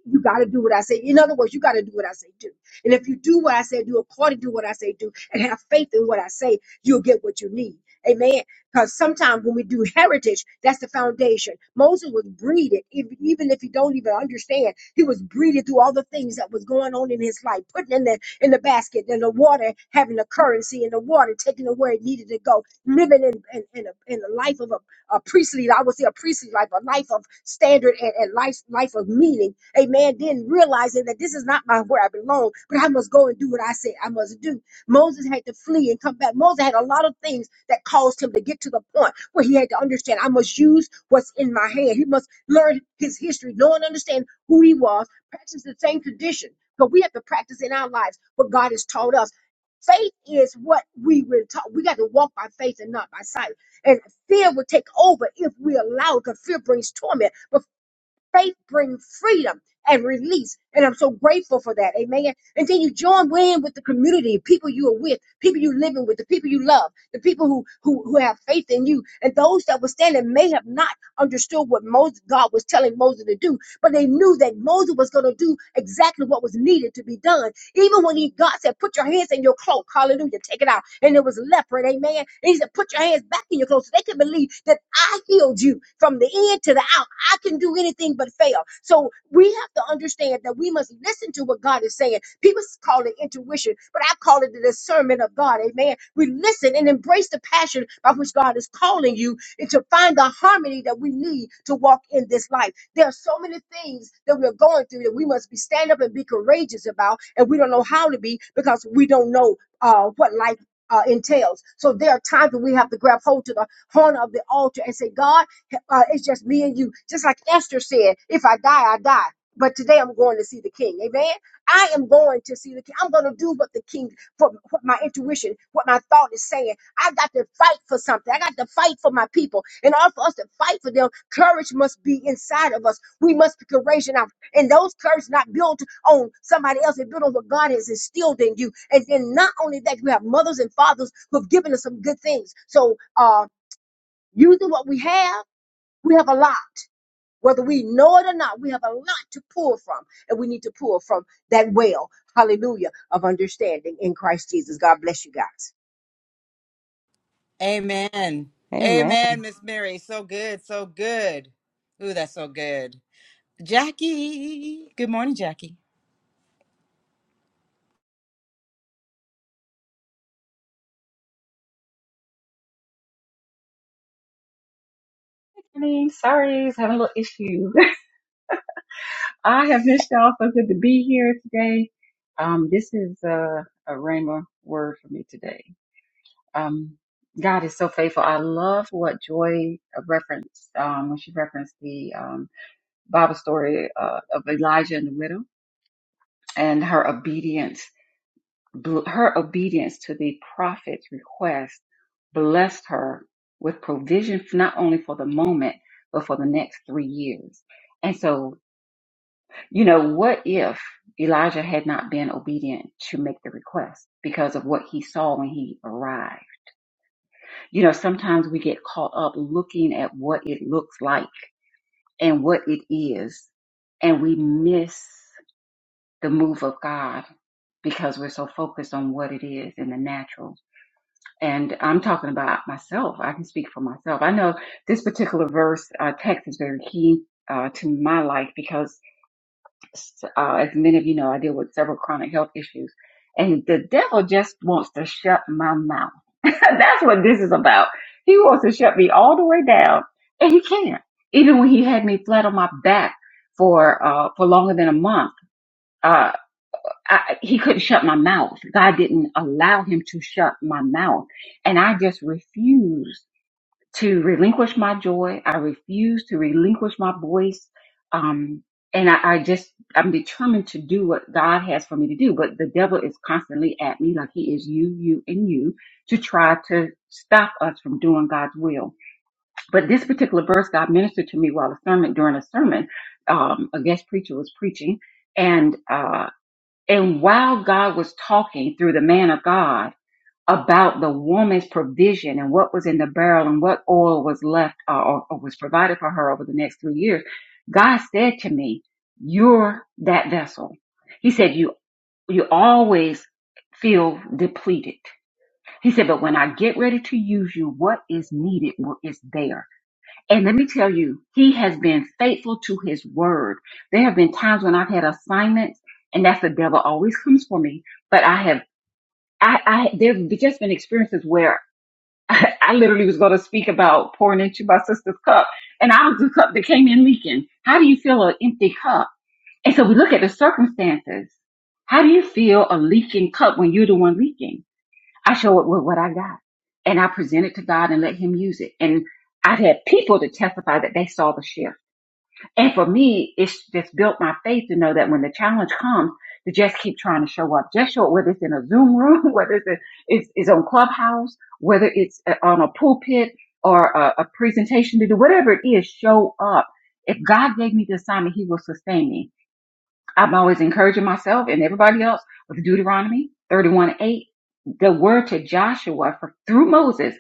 you got to do what I say. In other words, you got to do what I say do. And if you do what I say, do according to what I say do, and have faith in what I say, you'll get what you need. Amen. Because sometimes when we do heritage, that's the foundation. Moses was breeded, if, even if you don't even understand, he was breeded through all the things that was going on in his life, putting in the in the basket, in the water, having the currency in the water, taking it where it needed to go, living in in, in, a, in a life of a, a priestly, I would say a priestly life, a life of standard and, and life life of meaning. Amen. Then realizing that this is not my where I belong, but I must go and do what I say I must do Moses had to flee and come back. Moses had a lot of things that caused him to get to the point where he had to understand I must use what's in my hand. He must learn his history, know and understand who he was, practice the same tradition. But we have to practice in our lives what God has taught us. Faith is what we were taught. We got to walk by faith and not by sight. And fear will take over if we allow it, because fear brings torment. Faith brings freedom and release. And I'm so grateful for that. Amen. And then you join in with the community, people you are with, people you living with, the people you love, the people who, who, who have faith in you. And those that were standing may have not understood what Moses, God was telling Moses to do, but they knew that Moses was going to do exactly what was needed to be done. Even when he, God said, put your hands in your cloak. Hallelujah. Take it out. And it was leopard. Amen. And he said, put your hands back in your clothes so they could believe that I healed you from the in to the out. I can do anything but fail. So we have to understand that we must listen to what God is saying. People call it intuition, but I call it the discernment of God. Amen. We listen and embrace the passion by which God is calling you and to find the harmony that we need to walk in this life. There are so many things that we're going through that we must be stand up and be courageous about, and we don't know how to be because we don't know uh, what life uh, entails. So there are times when we have to grab hold to the horn of the altar and say, God. Uh, it's just me and you. Just like Esther said, if I die, I die. But today I'm going to see the king. Amen. I am going to see the king. I'm going to do what the king, for what my intuition, what my thought is saying. I got to fight for something. I got to fight for my people. In order for us to fight for them, courage must be inside of us. We must be courageous enough. And those courage not built on somebody else, it's built on what God has instilled in you. And then not only that, we have mothers and fathers who have given us some good things. So uh using what we have. We have a lot, whether we know it or not. We have a lot to pull from, and we need to pull from that well, hallelujah, of understanding in Christ Jesus. God bless you guys. Amen. Amen. Amen, Miss Mary. So good. So good. Ooh, that's so good. Jackie. Good morning, Jackie. I mean, Sorry, I having a little issue. I have missed y'all. So good to be here today. Um, this is a, a Rhema word for me today. Um, God is so faithful. I love what Joy referenced um, when she referenced the um, Bible story uh, of Elijah and the widow and her obedience. bl- Her obedience to the prophet's request blessed her with provision not only for the moment but for the next three years. And so You know, what if Elijah had not been obedient to make the request because of what he saw when he arrived? You know, sometimes we get caught up looking at what it looks like and what it is, and we miss the move of God because we're so focused on what it is in the natural. And I'm talking about myself. I can speak for myself. I know this particular verse uh, text is very key uh, to my life because s- uh, as many of you know, I deal with several chronic health issues, and the devil just wants to shut my mouth. That's what this is about. He wants to shut me all the way down, and he can't. Even when he had me flat on my back for uh, for longer than a month, uh, I, he couldn't shut my mouth. God didn't allow him to shut my mouth, and I just refused to relinquish my joy. I refuse to relinquish my voice. Um, and I, I just, I'm determined to do what God has for me to do. But the devil is constantly at me like he is you, you, and you to try to stop us from doing God's will. But this particular verse, God ministered to me while a sermon, during a sermon, um, a guest preacher was preaching and, uh, and while God was talking through the man of God, about the woman's provision and what was in the barrel and what oil was left uh, or, or was provided for her over the next three years, God said to me, you're that vessel. He said, you, you always feel depleted. He said, but when I get ready to use you, what is needed is there. And let me tell you, he has been faithful to his word. There have been times when I've had assignments and that's the devil always comes for me, but I have I, I there have just been experiences where I, I literally was going to speak about pouring into my sister's cup, and I was the cup that came in leaking. How do you feel an empty cup? And so we look at the circumstances. How do you feel a leaking cup when you're the one leaking? I show it with what I got, and I present it to God and let Him use it. And I've had people to testify that they saw the shift and for me, it's just built my faith to know that when the challenge comes, to just keep trying to show up. Just show up, whether it's in a Zoom room, whether it's, a, it's, it's on Clubhouse, whether it's uh, on a pulpit or a, a presentation to do, whatever it is, show up. If God gave me the assignment, He will sustain me. I'm always encouraging myself and everybody else with Deuteronomy 31 8, the word to Joshua for, through Moses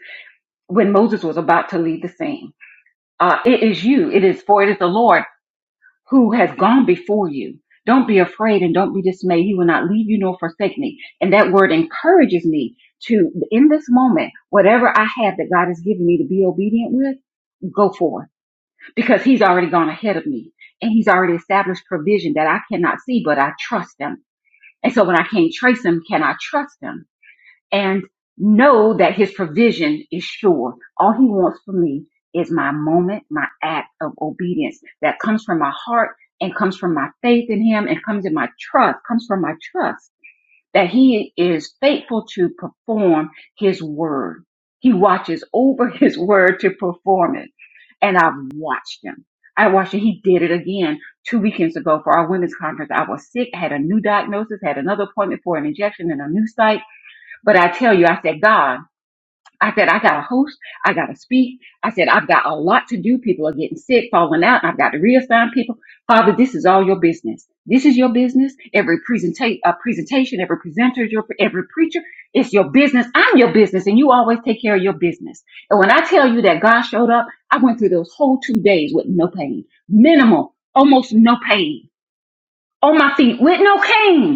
when Moses was about to lead the scene. Uh, it is you. It is for it is the Lord who has gone before you. Don't be afraid and don't be dismayed. He will not leave you nor forsake me. And that word encourages me to, in this moment, whatever I have that God has given me to be obedient with, go forth because he's already gone ahead of me and he's already established provision that I cannot see, but I trust him. And so when I can't trace him, can I trust him? and know that his provision is sure. All he wants from me is my moment, my act of obedience that comes from my heart and comes from my faith in him and comes in my trust, comes from my trust that he is faithful to perform his word. He watches over his word to perform it. And I've watched him. I watched Him. He did it again two weekends ago for our women's conference. I was sick, had a new diagnosis, had another appointment for an injection in a new site but I tell you, I said, God, I said, I got to host. I got to speak. I said, I've got a lot to do. People are getting sick, falling out. I've got to reassign people. Father, this is all your business. This is your business. Every presenta- uh, presentation, every presenter, is your, every preacher, it's your business. I'm your business and you always take care of your business. And when I tell you that God showed up, I went through those whole two days with no pain, minimal, almost no pain on my feet with no cane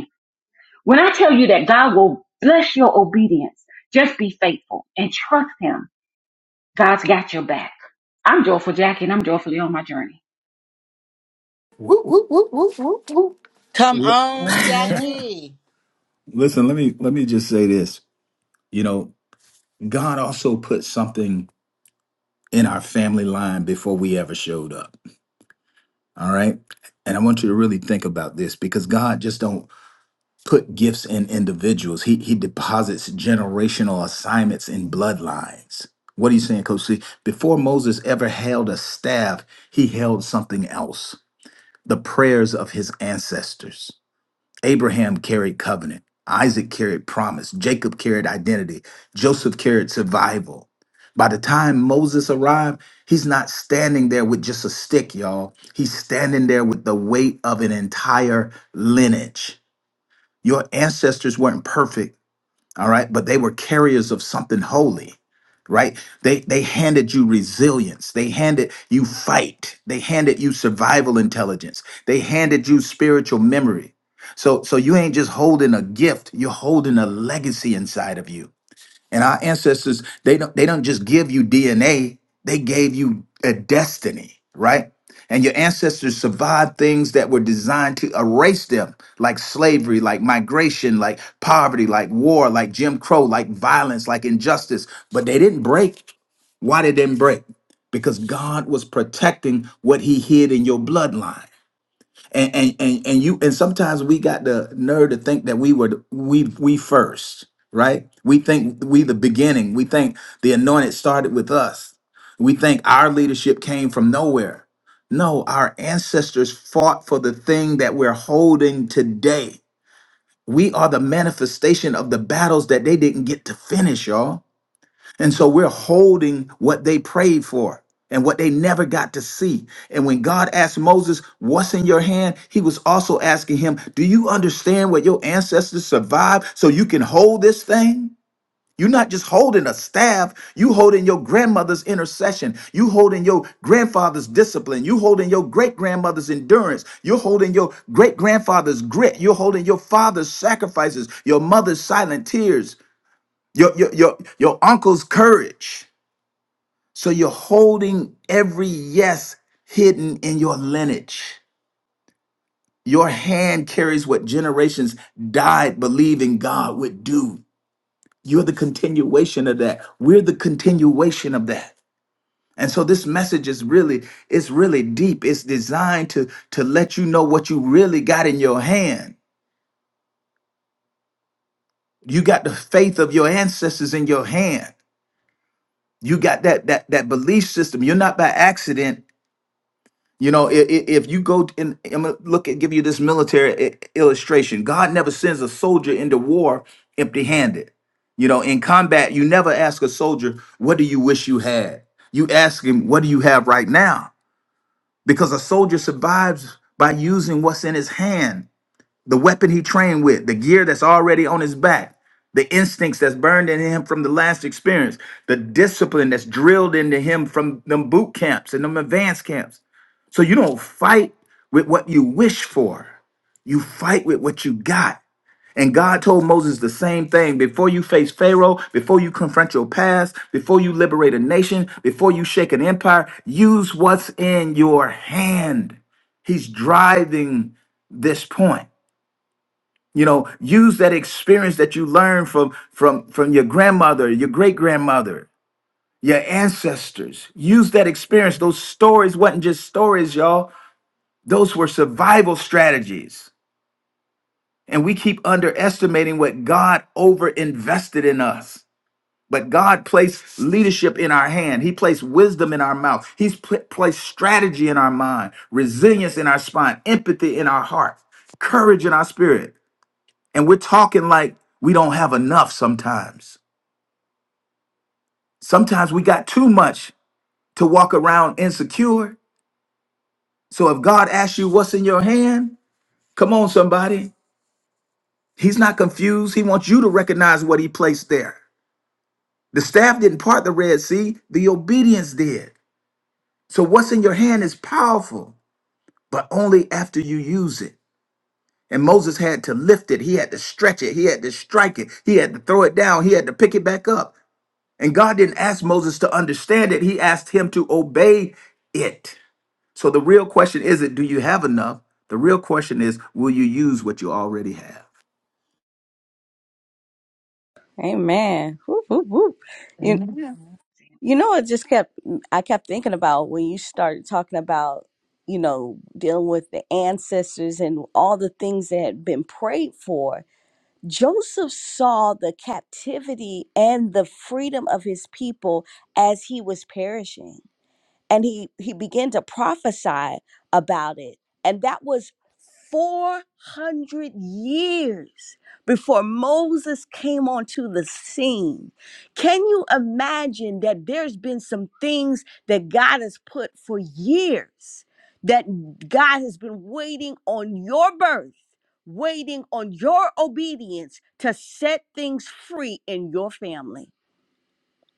when I tell you that God will bless your obedience, just be faithful and trust Him. God's got your back. I'm joyful, Jackie, and I'm joyfully on my journey. Come whoop. on, Jackie. Listen, let me let me just say this. You know, God also put something in our family line before we ever showed up. All right? And I want you to really think about this because God just don't put gifts in individuals. He he deposits generational assignments in bloodlines. What are you saying, Coach C? Before Moses ever held a staff, he held something else. The prayers of his ancestors. Abraham carried covenant. Isaac carried promise. Jacob carried identity. Joseph carried survival. By the time Moses arrived, he's not standing there with just a stick, y'all. He's standing there with the weight of an entire lineage. Your ancestors weren't perfect all right but they were carriers of something holy right they they handed you resilience they handed you fight they handed you survival intelligence they handed you spiritual memory so so you ain't just holding a gift you're holding a legacy inside of you and our ancestors, they don't they don't just give you DNA, they gave you a destiny, right? And your ancestors survived things that were designed to erase them, like slavery, like migration, like poverty, like war, like Jim Crow, like violence, like injustice. But they didn't break. Why they didn't break? Because God was protecting what he hid in your bloodline and and and, and you and sometimes we got the nerve to think that we were the- we we first right we think we the beginning we think the anointed started with us we think our leadership came from nowhere no our ancestors fought for the thing that we're holding today we are the manifestation of the battles that they didn't get to finish y'all and so we're holding what they prayed for and what they never got to see. And when God asked Moses, What's in your hand? He was also asking him, Do you understand what your ancestors survived so you can hold this thing? You're not just holding a staff, you holding your grandmother's intercession, you holding your grandfather's discipline, you holding your great grandmother's endurance, you're holding your great grandfather's grit, you're holding your father's sacrifices, your mother's silent tears, your your your, your uncle's courage. So you're holding every yes hidden in your lineage. Your hand carries what generations died believing God would do. You're the continuation of that. We're the continuation of that. And so this message is really, it's really deep. It's designed to, to let you know what you really got in your hand. You got the faith of your ancestors in your hand. You got that that that belief system. You're not by accident. You know, if, if you go and I'm gonna look at give you this military i- illustration. God never sends a soldier into war empty-handed. You know, in combat, you never ask a soldier, "What do you wish you had?" You ask him, "What do you have right now?" Because a soldier survives by using what's in his hand, the weapon he trained with, the gear that's already on his back, the instincts that's burned in him from the last experience, the discipline that's drilled into him from them boot camps and them advanced camps. So you don't fight with what you wish for. You fight with what you got. And God told Moses the same thing. Before you face Pharaoh, before you confront your past, before you liberate a nation, before you shake an empire, use what's in your hand. He's driving this point. You know, use that experience that you learned from from from your grandmother, your great grandmother, your ancestors. Use that experience. Those stories wasn't just stories, y'all. Those were survival strategies. And we keep underestimating what God overinvested in us. But God placed leadership in our hand. He placed wisdom in our mouth. He's pl- placed strategy in our mind, resilience in our spine, empathy in our heart, courage in our spirit. And we're talking like we don't have enough sometimes. Sometimes we got too much to walk around insecure. So if God asks you what's in your hand, come on, somebody. He's not confused. He wants you to recognize what he placed there. The staff didn't part the Red Sea, the obedience did. So what's in your hand is powerful, but only after you use it. And Moses had to lift it, he had to stretch it, he had to strike it, he had to throw it down, he had to pick it back up. And God didn't ask Moses to understand it, he asked him to obey it. So the real question isn't, do you have enough? The real question is, will you use what you already have? Amen. Whoop, whoop, whoop. You, you know, it just kept, I kept thinking about when you started talking about, you know, dealing with the ancestors and all the things that had been prayed for Joseph saw the captivity and the freedom of his people as he was perishing and he he began to prophesy about it and that was 400 years before Moses came onto the scene. Can you imagine that there's been some things that God has put for years that God has been waiting on your birth, waiting on your obedience to set things free in your family?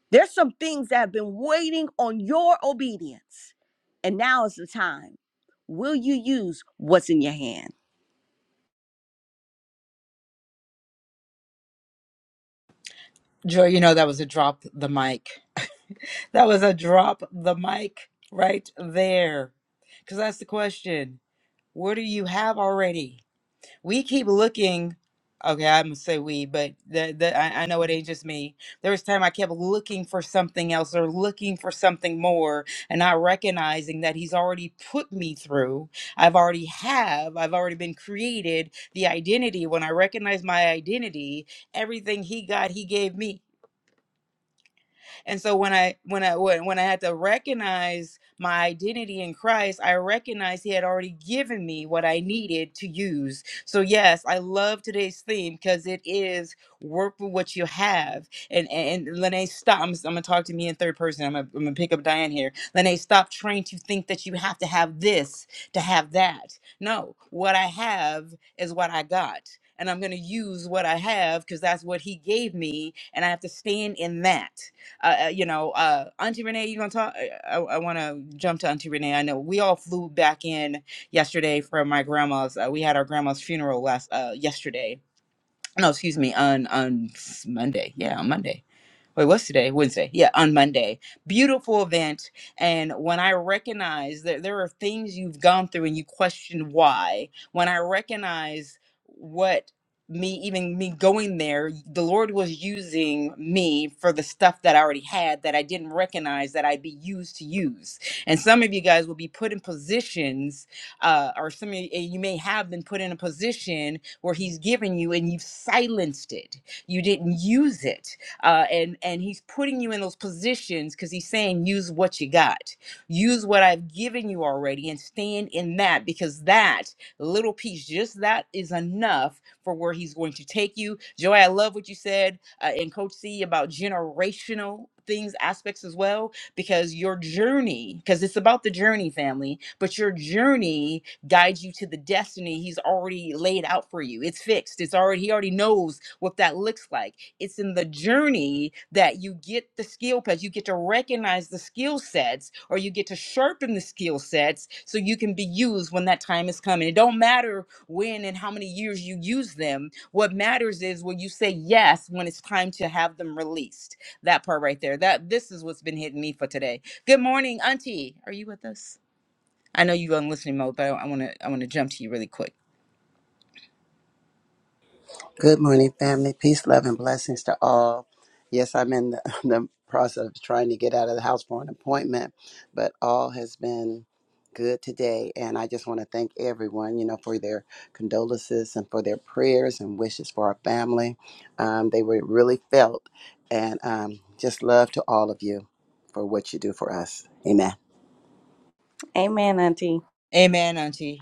There's some things that have been waiting on your obedience. And now is the time. Will you use what's in your hand? Joy, you know that was a drop the mic. That was a drop the mic right there. Because that's the question. What do you have already? we keep looking okay i'm gonna say we but the, the I, I know it ain't just me there was time i kept looking for something else or looking for something more and not recognizing that he's already put me through i've already have i've already been created the identity when i recognize my identity everything he got he gave me and so when I when I when, when I had to recognize my identity in Christ, I recognized he had already given me what I needed to use. So yes, I love today's theme because it is work with what you have. And and, and Lene, stop. I'm, I'm gonna talk to me in third person. I'm gonna, I'm gonna pick up Diane here. Lene, stop trying to think that you have to have this to have that. No, what I have is what I got. And I'm going to use what I have because that's what he gave me. And I have to stand in that. Uh, uh, you know, uh, Auntie Renee, you gonna talk? I, I want to jump to Auntie Renee. I know we all flew back in yesterday from my grandma's. Uh, we had our grandma's funeral last uh, yesterday. No, excuse me, on on Monday. Yeah, on Monday wait, what's today? Wednesday. Yeah, on Monday. Beautiful event. And when I recognize that there are things you've gone through and you question why, when I recognize what me even me going there the lord was using me for the stuff that i already had that i didn't recognize that i'd be used to use and some of you guys will be put in positions uh or some of you you may have been put in a position where he's given you and you've silenced it you didn't use it uh, and and he's putting you in those positions because he's saying use what you got use what i've given you already and stand in that because that little piece just that is enough for where he's going to take you joy i love what you said uh, and coach c about generational things aspects as well because your journey because it's about the journey family but your journey guide you to the destiny he's already laid out for you. It's fixed. It's already he already knows what that looks like. It's in the journey that you get the skill because you get to recognize the skill sets or you get to sharpen the skill sets so you can be used when that time is coming. It don't matter when and how many years you use them. What matters is will you say yes when it's time to have them released. That part right there. That this is what's been hitting me for today. Good morning, Auntie. Are you with us? I know you on listening mode, but I, I want to I want to jump to you really quick. Good morning, family. Peace, love, and blessings to all. Yes, I'm in the, the process of trying to get out of the house for an appointment, but all has been good today. And I just want to thank everyone, you know, for their condolences and for their prayers and wishes for our family. Um, they were really felt. And um, just love to all of you for what you do for us. Amen. Amen, Auntie. Amen, Auntie.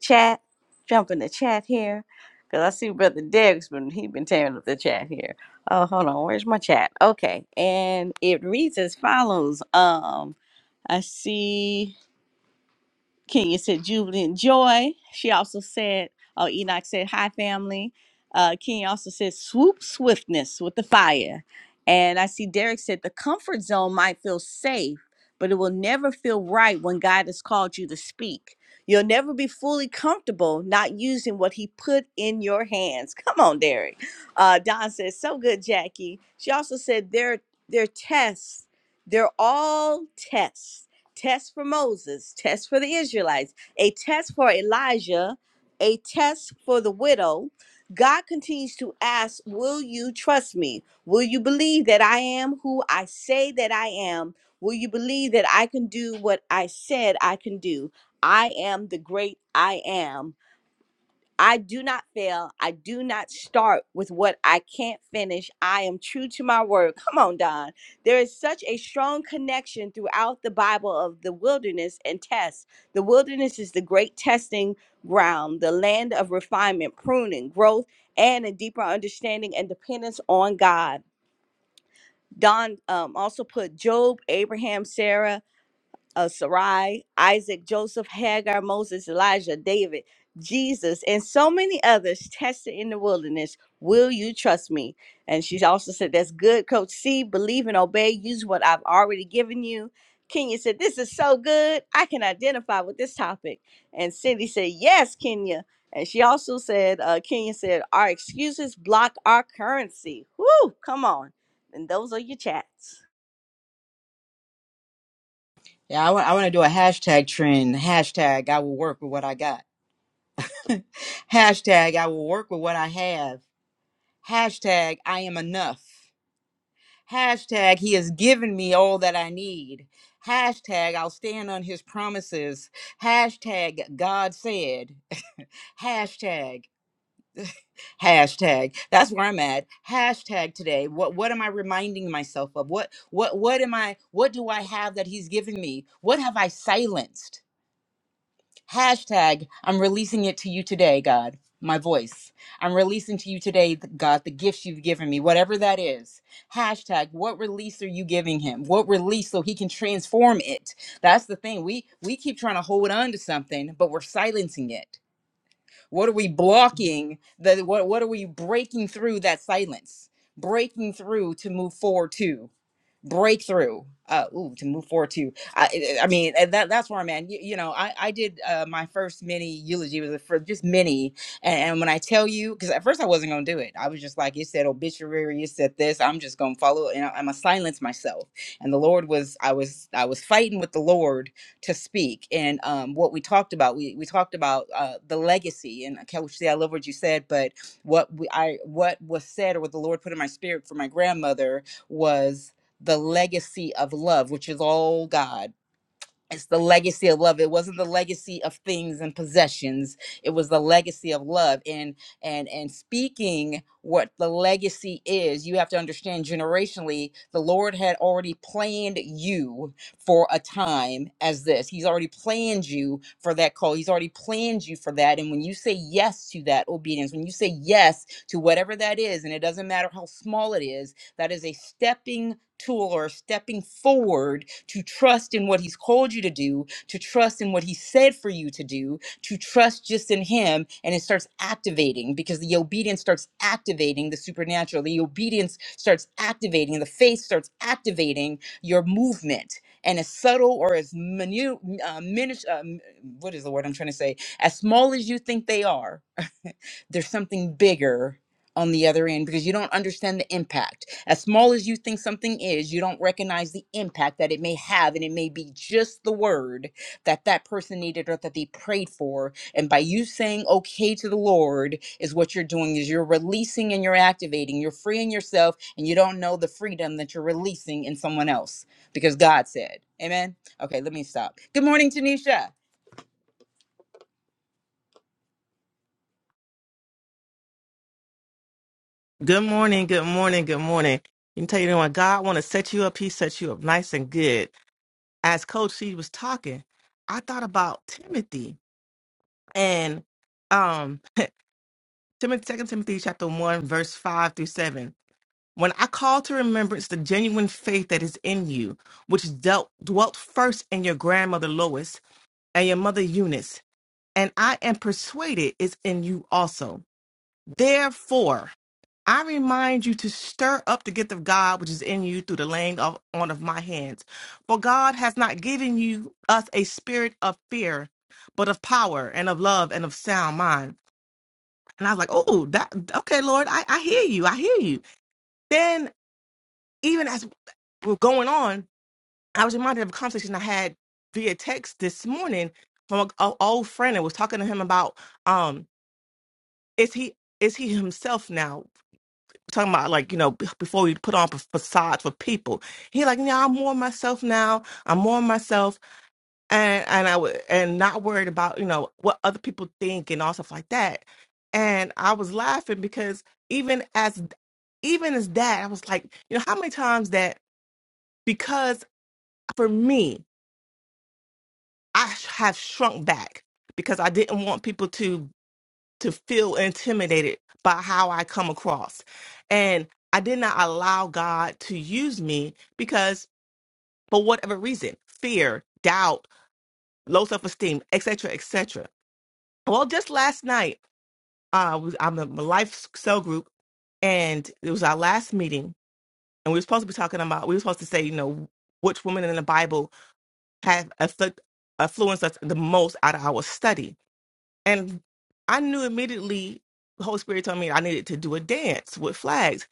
Chat, jump in the chat here, cause I see Brother Derek's been he been tearing up the chat here. Oh, hold on, where's my chat? Okay, and it reads as follows. Um, I see. Kenya said jubilant joy. She also said, oh, Enoch said, hi, family. Uh, Kenya also said, swoop swiftness with the fire. And I see Derek said, the comfort zone might feel safe, but it will never feel right when God has called you to speak. You'll never be fully comfortable not using what He put in your hands. Come on, Derek. Uh, Don says, so good, Jackie. She also said, 'They're they're tests, they're all tests test for Moses, test for the Israelites, a test for Elijah, a test for the widow. God continues to ask, Will you trust me? Will you believe that I am who I say that I am? Will you believe that I can do what I said I can do? I am the great I am. I do not fail. I do not start with what I can't finish. I am true to my word. Come on, Don. There is such a strong connection throughout the Bible of the wilderness and tests. The wilderness is the great testing ground, the land of refinement, pruning, growth, and a deeper understanding and dependence on God. Don um, also put Job, Abraham, Sarah, uh, Sarai, Isaac, Joseph, Hagar, Moses, Elijah, David, Jesus, and so many others tested in the wilderness. Will you trust me? And she also said, That's good, Coach C. Believe and obey. Use what I've already given you. Kenya said, This is so good. I can identify with this topic. And Cindy said, Yes, Kenya. And she also said, uh, Kenya said, Our excuses block our currency. Whoo, come on. And those are your chats. Yeah, I want I want to do a hashtag trend. Hashtag I will work with what I got. hashtag I will work with what I have. Hashtag I am enough. Hashtag He has given me all that I need. Hashtag I'll stand on His promises. Hashtag God said. Hashtag. hashtag that's where i'm at hashtag today what what am i reminding myself of what what what am i what do i have that he's given me what have i silenced hashtag i'm releasing it to you today god my voice i'm releasing to you today th- god the gifts you've given me whatever that is hashtag what release are you giving him what release so he can transform it that's the thing we we keep trying to hold on to something but we're silencing it what are we blocking? The what what are we breaking through that silence? Breaking through to move forward to breakthrough. Uh, ooh, to move forward to. I, I mean, and that that's where I'm at. You, you know, I I did uh, my first mini eulogy was for just mini, and, and when I tell you, because at first I wasn't gonna do it. I was just like, it said obituary, it said this. I'm just gonna follow, and I'm gonna silence myself. And the Lord was, I was, I was fighting with the Lord to speak and um, what we talked about we, we talked about uh, the legacy and okay, which see i love what you said but what we, i what was said or what the lord put in my spirit for my grandmother was the legacy of love which is all god it's the legacy of love it wasn't the legacy of things and possessions it was the legacy of love and and and speaking what the legacy is you have to understand generationally the lord had already planned you for a time as this he's already planned you for that call he's already planned you for that and when you say yes to that obedience when you say yes to whatever that is and it doesn't matter how small it is that is a stepping tool or stepping forward to trust in what he's called you to do, to trust in what he said for you to do, to trust just in him. And it starts activating because the obedience starts activating the supernatural. The obedience starts activating, the faith starts activating your movement. And as subtle or as minu- uh, minish, uh, m- what is the word I'm trying to say? As small as you think they are, there's something bigger on the other end because you don't understand the impact. As small as you think something is, you don't recognize the impact that it may have. And it may be just the word that that person needed or that they prayed for. And by you saying okay to the Lord is what you're doing is you're releasing and you're activating. You're freeing yourself and you don't know the freedom that you're releasing in someone else because God said. Amen. Okay, let me stop. Good morning, Tanisha. Good morning, good morning, good morning. You can tell you know when God want to set you up, he sets you up nice and good. As Coach C was talking, I thought about Timothy and um Timothy second Timothy chapter one, verse five through seven. When I call to remembrance the genuine faith that is in you, which dealt dwelt first in your grandmother Lois and your mother Eunice, and I am persuaded is in you also. Therefore, I remind you to stir up the gift of God which is in you through the laying of, on of my hands. For God has not given you us a spirit of fear, but of power and of love and of sound mind. And I was like, oh, that okay, Lord, I, I hear you, I hear you. Then even as we're going on, I was reminded of a conversation I had via text this morning from an old friend and was talking to him about um, is he is he himself now? talking about like you know b- before we put on fa- facades for people he like yeah, i'm more myself now i'm more myself and and i would and not worried about you know what other people think and all stuff like that and i was laughing because even as even as that i was like you know how many times that because for me i sh- have shrunk back because i didn't want people to to feel intimidated by how I come across. And I did not allow God to use me because for whatever reason, fear, doubt, low self-esteem, etc., etc. Well, just last night, uh, was- I'm in my life cell group and it was our last meeting and we were supposed to be talking about, we were supposed to say, you know, which women in the Bible have afflict, affluenced us the most out of our study And I knew immediately the Holy Spirit told me I needed to do a dance with flags,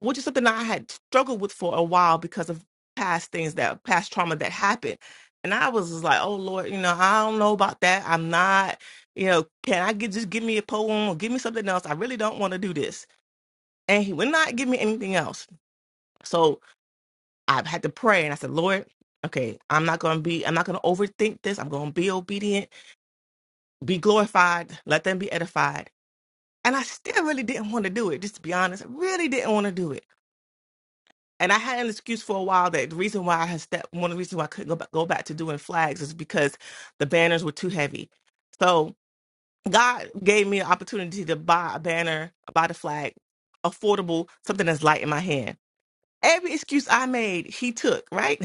which is something I had struggled with for a while because of past things that past trauma that happened. And I was just like, oh Lord, you know, I don't know about that. I'm not, you know, can I get just give me a poem or give me something else? I really don't want to do this. And he would not give me anything else. So I had to pray and I said, Lord, okay, I'm not gonna be, I'm not gonna overthink this. I'm gonna be obedient, be glorified, let them be edified And I still really didn't want to do it, just to be honest. I really didn't want to do it. And I had an excuse for a while that the reason why I had stepped, one of the reasons why I couldn't go back, go back to doing flags is because the banners were too heavy. So God gave me an opportunity to buy a banner, buy the flag, affordable, something that's light in my hand. Every excuse I made, he took, right?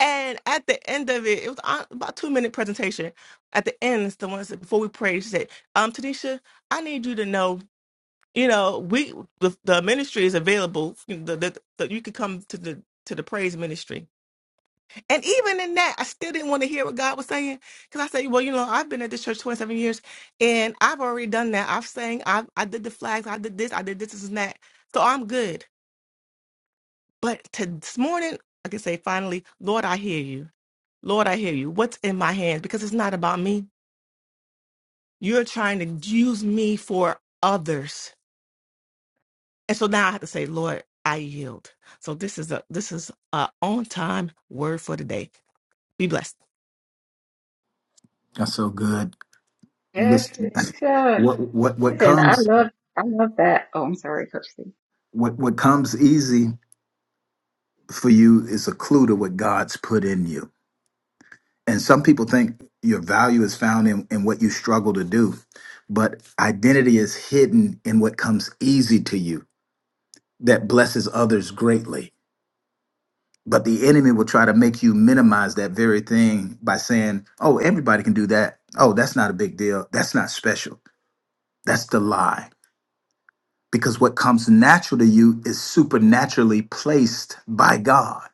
And at the end of it, it was on- about two minute presentation. At the end, someone said, before we prayed, she said, um, Tanisha, I need you to know you know we the, the ministry is available you the, the, the, you could come to the to the praise ministry and even in that i still didn't want to hear what god was saying because i said well you know i've been at this church 27 years and i've already done that i've sang i i did the flags i did this i did this, this and that so i'm good but to this morning i can say finally lord i hear you lord i hear you what's in my hands because it's not about me you're trying to use me for others And so now I have to say, Lord, I yield. So this is a this is a on time word for the day. Be blessed. That's so good. Yes, listen Tanisha. what what what comes Lord, I want what what comes easy for you is a clue to what god's put in you and some people think your value is found in, in what you struggle to do but identity is hidden in what comes easy to you that blesses others greatly but the enemy will try to make you minimize that very thing by saying oh everybody can do that oh that's not a big deal that's not special that's the lie because what comes natural to you is supernaturally placed by God.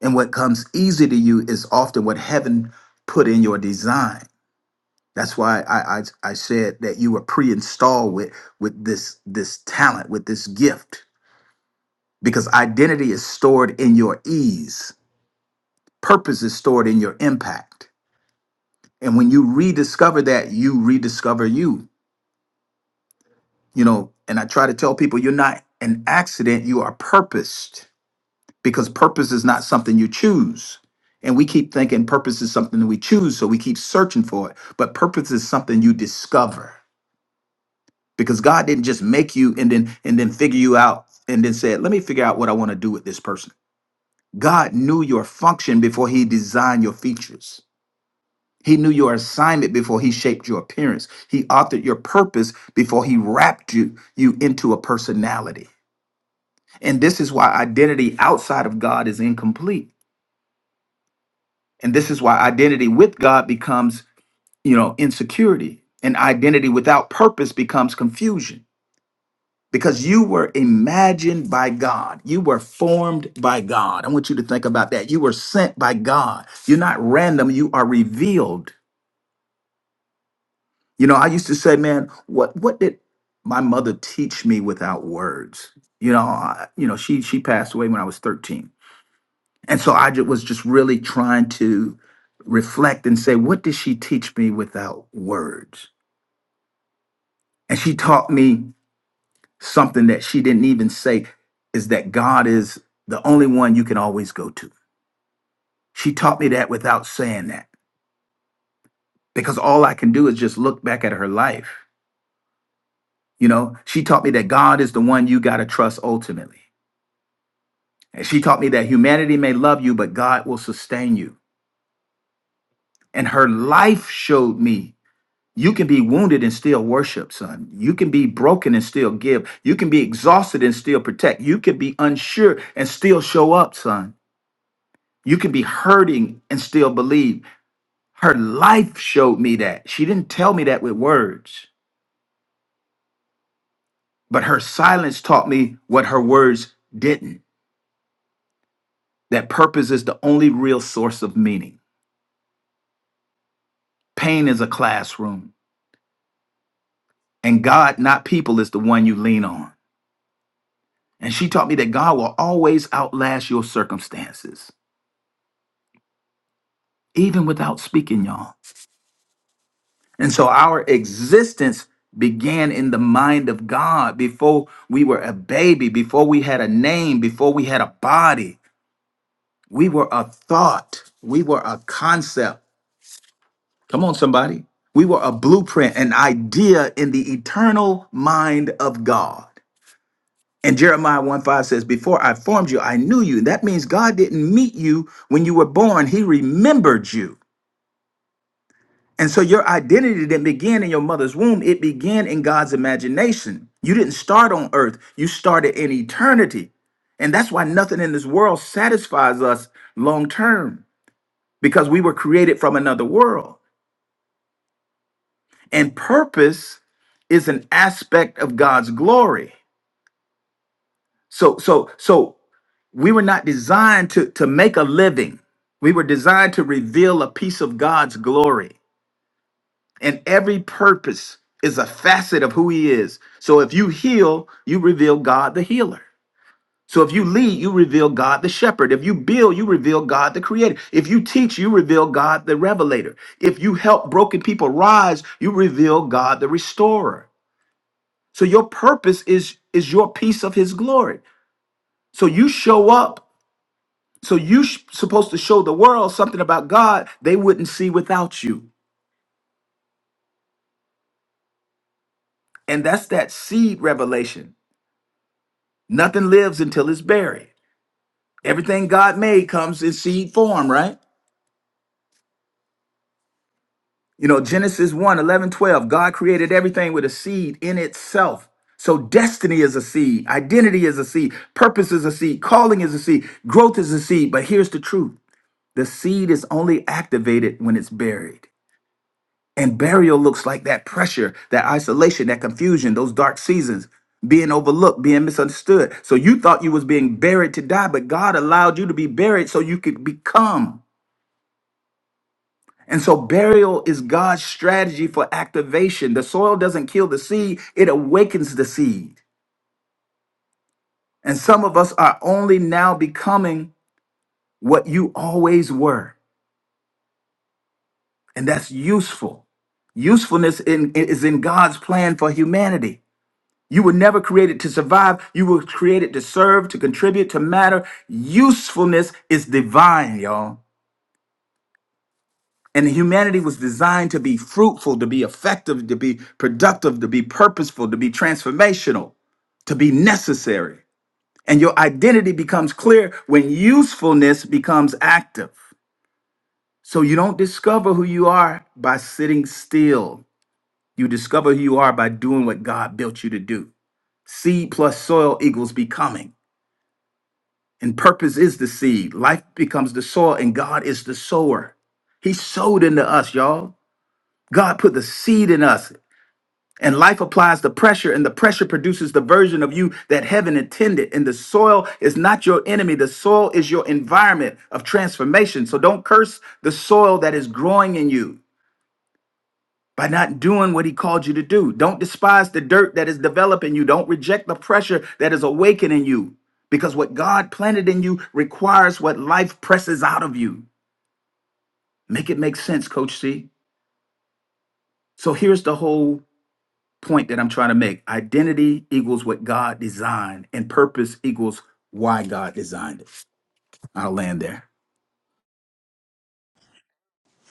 And what comes easy to you is often what heaven put in your design. That's why I, I, I said that you were pre-installed with, with this, this talent, with this gift, because identity is stored in your ease. Purpose is stored in your impact. And when you rediscover that, you rediscover you. You know, and I try to tell people you're not an accident, you are purposed because purpose is not something you choose. And we keep thinking purpose is something that we choose, so we keep searching for it. But purpose is something you discover because God didn't just make you and then and then figure you out and then said, "Let me figure out what I want to do with this person." God knew your function before he designed your features. He knew your assignment before he shaped your appearance. He authored your purpose before he wrapped you you into a personality. And this is why identity outside of God is incomplete And this is why identity with God becomes, you know, insecurity. And identity without purpose becomes confusion because you were imagined by God. You were formed by God. I want you to think about that. You were sent by God. You're not random, you are revealed. You know, I used to say, man, what what did my mother teach me without words? You know, I, you know, she she passed away when I was 13 And so I ju- was just really trying to reflect and say, what did she teach me without words? And she taught me something that she didn't even say is that God is the only one you can always go to. She taught me that without saying that because all I can do is just look back at her life. You know, she taught me that God is the one you got to trust ultimately. And she taught me that humanity may love you, but God will sustain you. And her life showed me You can be wounded and still worship, son. You can be broken and still give. You can be exhausted and still protect. You can be unsure and still show up, son. You can be hurting and still believe. Her life showed me that. She didn't tell me that with words, but her silence taught me what her words didn't. That purpose is the only real source of meaning. Pain is a classroom, and God, not people, is the one you lean on. And she taught me that God will always outlast your circumstances. even without speaking, y'all. And so our existence began in the mind of God before we were a baby, before we had a name, before we had a body. We were a thought, we were a concept. Come on, somebody. We were a blueprint, an idea in the eternal mind of God. And Jeremiah 1 5 says, Before I formed you, I knew you. That means God didn't meet you when you were born, He remembered you. And so your identity didn't begin in your mother's womb, it began in God's imagination. You didn't start on earth, you started in eternity. And that's why nothing in this world satisfies us long term because we were created from another world. And purpose is an aspect of God's glory. So so so we were not designed to to make a living. We were designed to reveal a piece of God's glory. and every purpose is a facet of who he is. So if you heal, you reveal God the healer. So if you lead, you reveal God the shepherd. If you build, you reveal God the creator. If you teach, you reveal God the revelator. If you help broken people rise, you reveal God the restorer. So your purpose is is your piece of his glory. So you show up. So you sh- supposed to show the world something about God they wouldn't see without you. And that's that seed revelation Nothing lives until it's buried. Everything God made comes in seed form, right? You know, Genesis one 11 12. God created everything with a seed in itself. So destiny is a seed, identity is a seed, purpose is a seed, calling is a seed, growth is a seed. But here's the truth the seed is only activated when it's buried. And burial looks like that pressure, that isolation, that confusion, those dark seasons, being overlooked, being misunderstood. So you thought you was being buried to die, but God allowed you to be buried so you could become. And so burial is God's strategy for activation. The soil doesn't kill the seed, it awakens the seed. And some of us are only now becoming what you always were. And that's useful. Usefulness in, is in God's plan for humanity. You were never created to survive. You were created to serve, to contribute, to matter. Usefulness is divine, y'all. And humanity was designed to be fruitful, to be effective, to be productive, to be purposeful, to be transformational, to be necessary. And your identity becomes clear when usefulness becomes active. So you don't discover who you are by sitting still. You discover who you are by doing what God built you to do. Seed plus soil equals becoming. And purpose is the seed. Life becomes the soil, and God is the sower. He sowed into us, y'all. God put the seed in us, and life applies the pressure, and the pressure produces the version of you that heaven intended. And the soil is not your enemy, the soil is your environment of transformation. So don't curse the soil that is growing in you by not doing what he called you to do. Don't despise the dirt that is developing you. Don't reject the pressure that is awakening you because what God planted in you requires what life presses out of you. Make it make sense, Coach C. So here's the whole point that I'm trying to make identity equals what God designed, and purpose equals why God designed it. I'll land there.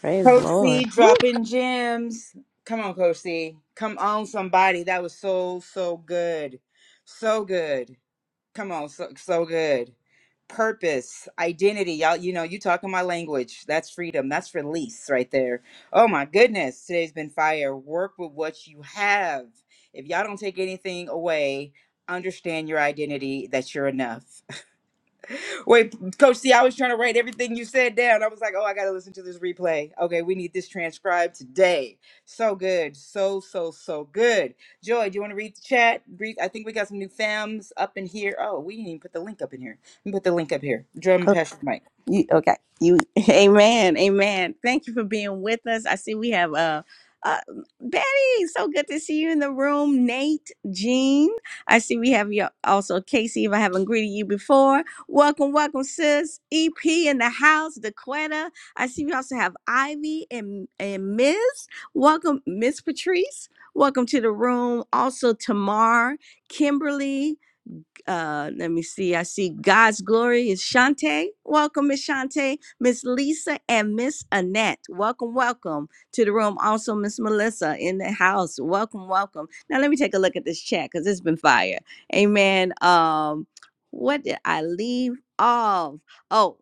Praise the Coach C Lord. Woo. dropping gems. Come on, Coach C. Come on, somebody. That was so, so good. So good. Come on, so, so good. Purpose, identity. Y'all, you know, you talking my language. That's freedom. That's release right there. Oh my goodness. Today's been fire. Work with what you have. If y'all don't take anything away, understand your identity that you're enough. Wait, Coach C, I was trying to write everything you said down. I was like, oh, I got to listen to this replay. Okay, we need this transcribed today. So good. So, so, so good. Joy, do you want to read the chat? Read, I think we got some new fams up in here. Oh, we didn't even put the link up in here. Let me put the link up here. Joy, I'm going to pass you the mic. You okay? You amen, amen. Thank you for being with us. I see we have uh, uh Betty. So good to see you in the room. Nate, Jean. I see we have your also Casey. If I haven't greeted you before, welcome, welcome, sis. EP in the house, Daquetta. I see we also have Ivy and and Miss. Welcome, Miss Patrice. Welcome to the room. Also, Tamar, Kimberly uh, let me see. I see God's glory is Shante. Welcome, Miss Shante, Miss Lisa, and Miss Annette. Welcome, welcome to the room. Also, Miss Melissa in the house. Welcome, welcome. Now let me take a look at this chat because it's been fire. Amen. Um, what did I leave off? Oh,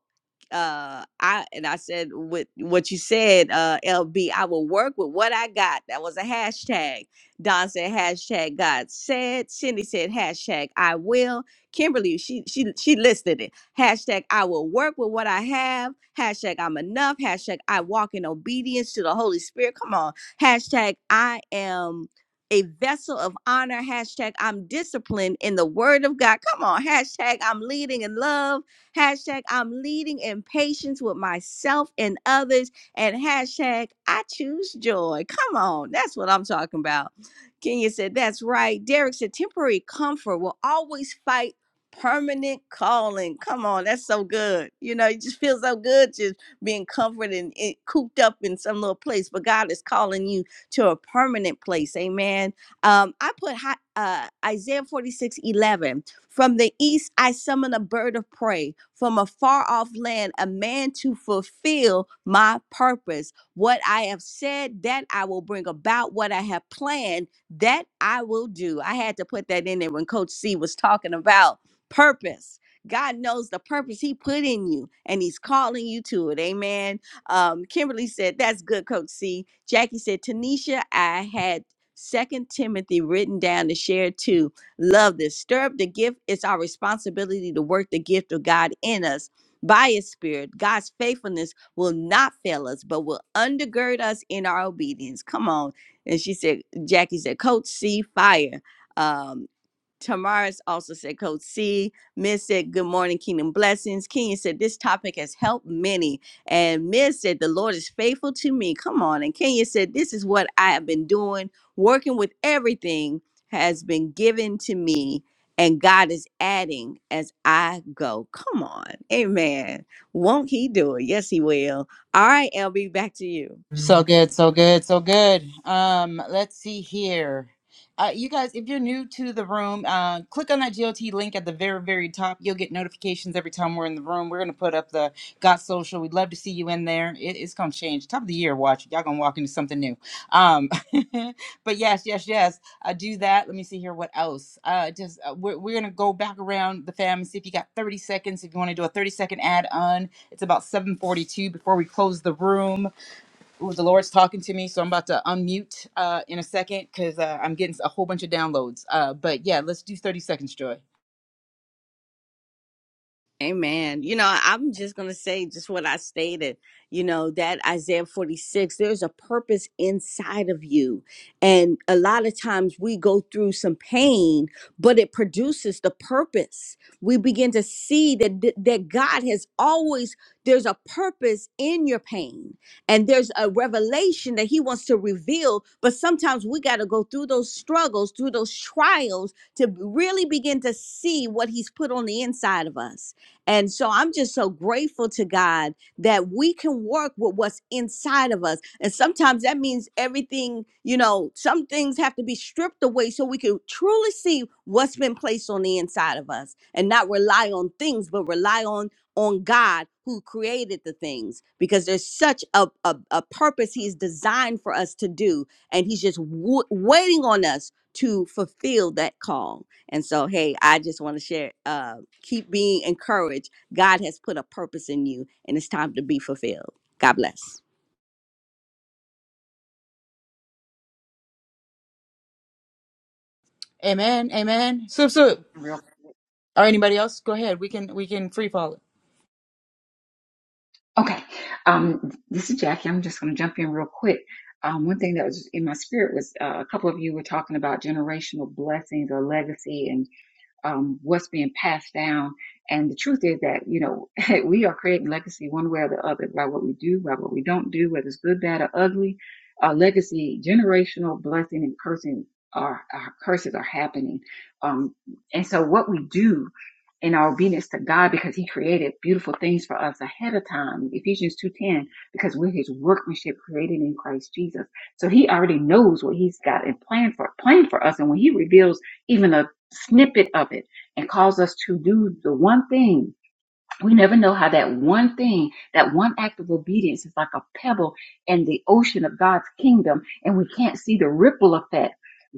uh I and I said with what you said, uh LB, I will work with what I got. That was a hashtag Don said hashtag God said. Cindy said hashtag I will. Kimberly, she she she listed it. Hashtag I will work with what I have. Hashtag I'm enough. Hashtag I walk in obedience to the Holy Spirit. Come on. Hashtag I am a vessel of honor. Hashtag I'm disciplined in the word of God. Come on. Hashtag I'm leading in love. Hashtag I'm leading in patience with myself and others. And hashtag I choose joy. Come on. That's what I'm talking about. Kenya said, That's right. Derek said, Temporary comfort will always fight permanent calling. Come on, that's so good. You know, it just feels so good just being comforted and it, cooped up in some little place, but God is calling you to a permanent place. Amen. Um, I put hi, uh, Isaiah 46 11. From the east, I summon a bird of prey. From a far off land, a man to fulfill my purpose. What I have said, that I will bring about. What I have planned, that I will do. I had to put that in there when Coach C was talking about purpose. God knows the purpose He put in you, and He's calling you to it. Amen. Um, Kimberly said, That's good, Coach C. Jackie said, Tanisha, I had Second Timothy written down to share too. Love this. Stir up the gift. It's our responsibility to work the gift of God in us by His Spirit. God's faithfulness will not fail us, but will undergird us in our obedience. Come on. And she said, Jackie said, Coach C, fire. Um, Tamaris also said, Coach C. Miss said, Good morning, Kingdom Blessings. Kenya said, This topic has helped many. And Miss said, The Lord is faithful to me. Come on. And Kenya said, This is what I have been doing. Working with everything has been given to me. And God is adding as I go. Come on. Amen. Won't He do it? Yes, He will. All right, LB, back to you. So good, so good, so good. Um, let's see here. Uh, you guys, if you're new to the room, uh, click on that GOT link at the very, very top. You'll get notifications every time we're in the room. We're gonna put up the Got Social. We'd love to see you in there. It, it's gonna change. Top of the year, watch it. Y'all gonna walk into something new. Um, but yes, yes, yes. Uh, do that. Let me see here. What else? Uh, just uh, we're, we're gonna go back around the fam and see if you got 30 seconds. If you want to do a 30 second ad on, it's about 7:42 before we close the room Ooh, the Lord's talking to me, so I'm about to unmute uh, in a second because uh, I'm getting a whole bunch of downloads. Uh, but yeah, let's do 30 seconds, Joy. Amen. You know, I'm just going to say just what I stated, you know, that Isaiah 46, there's a purpose inside of you. And a lot of times we go through some pain, but it produces the purpose. We begin to see that that God has always there's a purpose in your pain. And there's a revelation that he wants to reveal, but sometimes we got to go through those struggles, through those trials to really begin to see what he's put on the inside of us and so I'm just so grateful to God that we can work with what's inside of us. And sometimes that means everything, you know, some things have to be stripped away so we can truly see what's been placed on the inside of us and not rely on things, but rely on on God who created the things because there's such a, a, a purpose he's designed for us to do. And he's just w- waiting on us to fulfill that call. And so, hey, I just want to share, uh, keep being encouraged. God has put a purpose in you, and it's time to be fulfilled. God bless. Amen, amen. Soup, to soup. jump in Real Or anybody else? Go ahead. We can we can free fall it. okay. Um, this is Jackie. I'm just going to jump in real quick. Um, one thing that was in my spirit was uh, a couple of you were talking about generational blessings or legacy, um, what's being passed down. And the truth is that, you know, we are creating legacy one way or the other by what we do, by what we don't do, whether it's good, bad, or ugly. Our legacy, generational blessing and cursing are, our curses are happening. Um, and so what we do in our obedience to God, because he created beautiful things for us ahead of time, Ephesians 2.10, because we're his workmanship created in Christ Jesus. So he already knows what he's got and planned for, planned for us. And when he reveals even a snippet of it and cause us to do the one thing we never know how that one thing, that one act of obedience is like a pebble in the ocean of God's kingdom, and we can't see the ripple effect,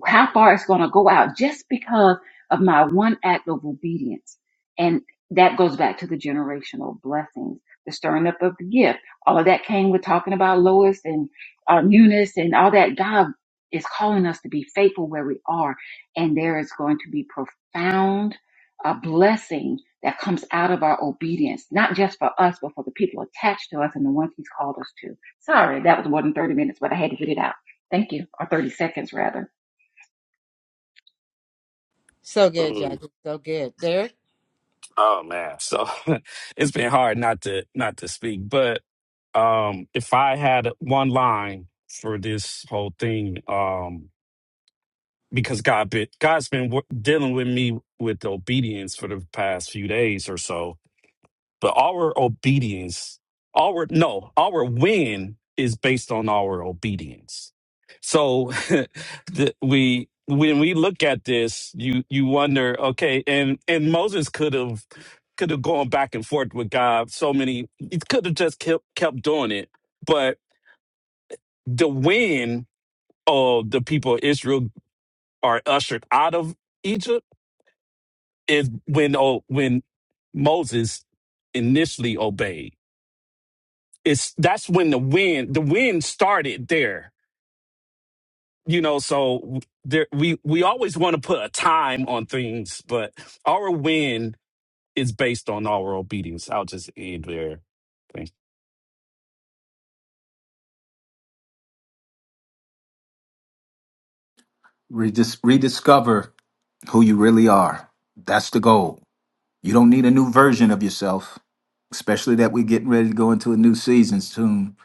how far it's going to go out just because of my one act of obedience. And that goes back to the generational blessings, the stirring up of the gift. All of that came with talking about Lois and uh, Eunice and all that. God is calling us to be faithful where we are, and there is going to be profound uh, blessing that comes out of our obedience, not just for us, but for the people attached to us and the ones he's called us to. Sorry, that was more than 30 minutes, but I had to get it out. Thank you. Or 30 seconds rather. So good, Mm. Jackie. So good, Derek. Oh man, so it's been hard not to not to speak. But um, if I had one line for this whole thing, um, because God, been, God's been wor- dealing with me with obedience for the past few days or so, But our obedience, our no, our win is based on our obedience. So the, we when we look at this, you you wonder, okay, and and Moses could have could have gone back and forth with God so many he could have just kept kept doing it. But the win of the people of Israel are ushered out of Egypt is when oh when Moses initially obeyed it's that's when the win the win started there you know so there we we always want to put a time on things but our win is based on our obedience i'll just end there Thanks. Redis- rediscover who you really are. That's the goal. You don't need a new version of yourself. especially that we're getting ready to go into a new season soon.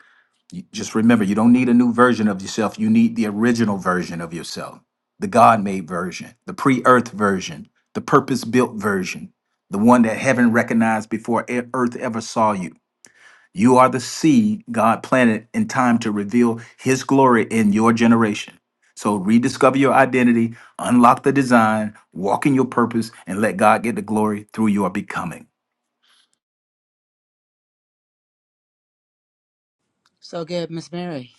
You- Just remember, you don't need a new version of yourself. You need the original version of yourself, the God made version, the pre earth version, the purpose built version, the one that heaven recognized before e- earth ever saw you. You are the seed God planted in time to reveal his glory in your generation. So rediscover your identity, unlock the design, walk in your purpose, and let God get the glory through your becoming. So good, Miss Mary.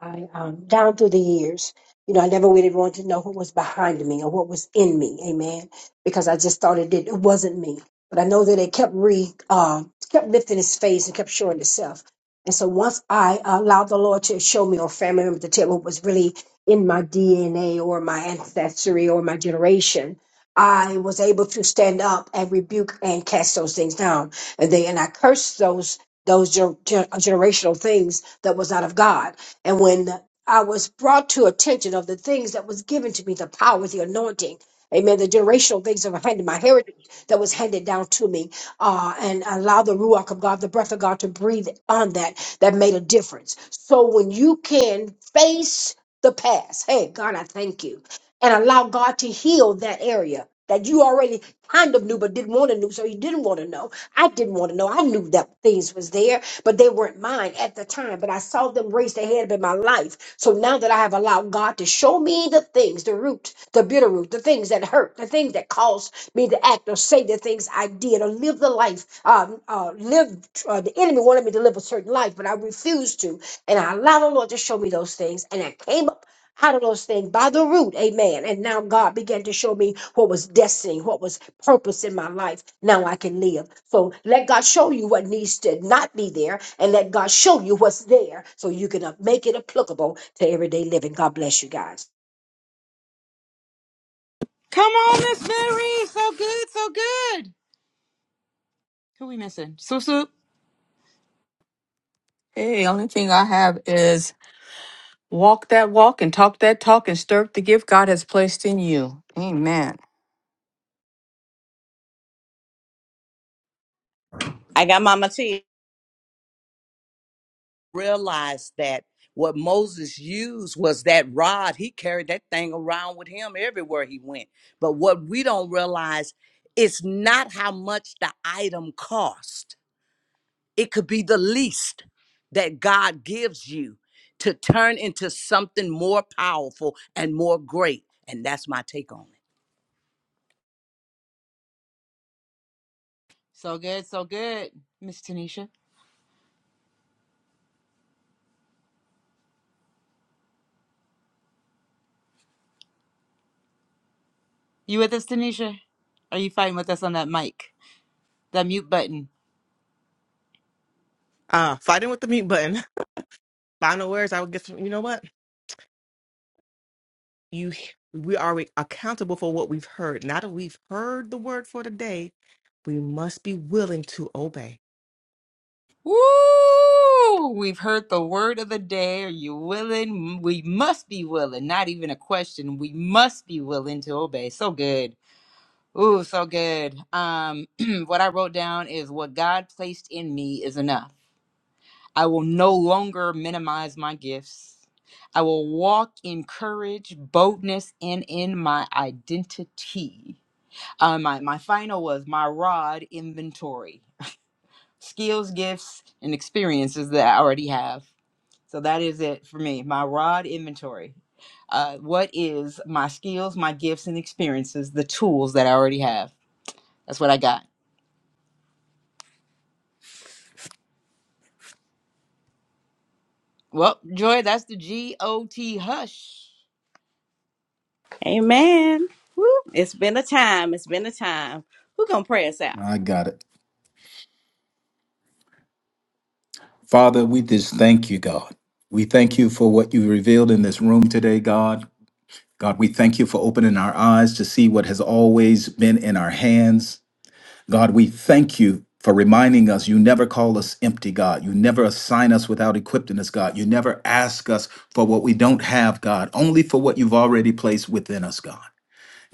I um, down through the years, you know, I never really wanted to know who was behind me or what was in me, amen. Because I just thought it did, it wasn't me. But I know that it kept re, uh, kept lifting its face and kept showing itself. And so once I allowed the Lord to show me or family member to tell me what was really in my DNA or my ancestry or my generation, I was able to stand up and rebuke and cast those things down. And they and I cursed those those ger- ger- generational things that was out of God and when I was brought to attention of the things that was given to me, the power, the anointing, amen, the generational things that were handed, my heritage that was handed down to me, uh, and allow the Ruach of God, the breath of God to breathe on that, that made a difference. So when you can face the past, hey, God, I thank you, and allow God to heal that area. That you already kind of knew but didn't want to know, so you didn't want to know. I didn't want to know. I knew that things was there, but they weren't mine at the time. But I saw them raised ahead up in my life. So now that I have allowed God to show me the things, the root, the bitter root, the things that hurt, the things that caused me to act or say the things I did or live the life, um, uh, live, uh, the enemy wanted me to live a certain life, but I refused to. And I allowed the Lord to show me those things. And I came up out of those things by the root, amen. And now God began to show me what was destiny, what was purpose in my life now I can live. So let God show you what needs to not be there and let God show you what's there so you can uh, make it applicable to everyday living. God bless you guys. Come on, Miss Mary. So good, so good. Who we missing? Soup, soup. Hey, only thing I have is walk that walk and talk that talk and stir up the gift God has placed in you. Amen. I got Mama T. Realized that what Moses used was that rod. He carried that thing around with him everywhere he went. But what we don't realize is not how much the item cost. It could be the least that God gives you to turn into something more powerful and more great. And that's my take on it. So good, so good, Miss Tanisha. You with us, Tanisha? Are you fighting with us on that mic, that mute button? Uh fighting with the mute button. Final words I would get from you know what? You we are accountable for what we've heard. Now that we've heard the word for the day, we must be willing to obey. Woo! We've heard the word of the day. Are you willing? We must be willing. Not even a question. We must be willing to obey. So good. Ooh, so good. Um, what I wrote down is what God placed in me is enough. I will no longer minimize my gifts. I will walk in courage, boldness, and in my identity. Uh, my, my final was my rod inventory skills, gifts, and experiences that I already have. So that is it for me. My rod inventory. Uh, what is my skills, my gifts, and experiences, the tools that I already have? That's what I got. Well, Joy, that's the G O T hush. Amen. Woo. It's been a time. It's been a time. Who gonna pray us out? I got it. Father, we just thank you, God. We thank you for what you revealed in this room today, God. God, we thank you for opening our eyes to see what has always been in our hands. God, we thank you for reminding us you never call us empty, God. You never assign us without equipping us, God. You never ask us for what we don't have, God, only for what you've already placed within us, God.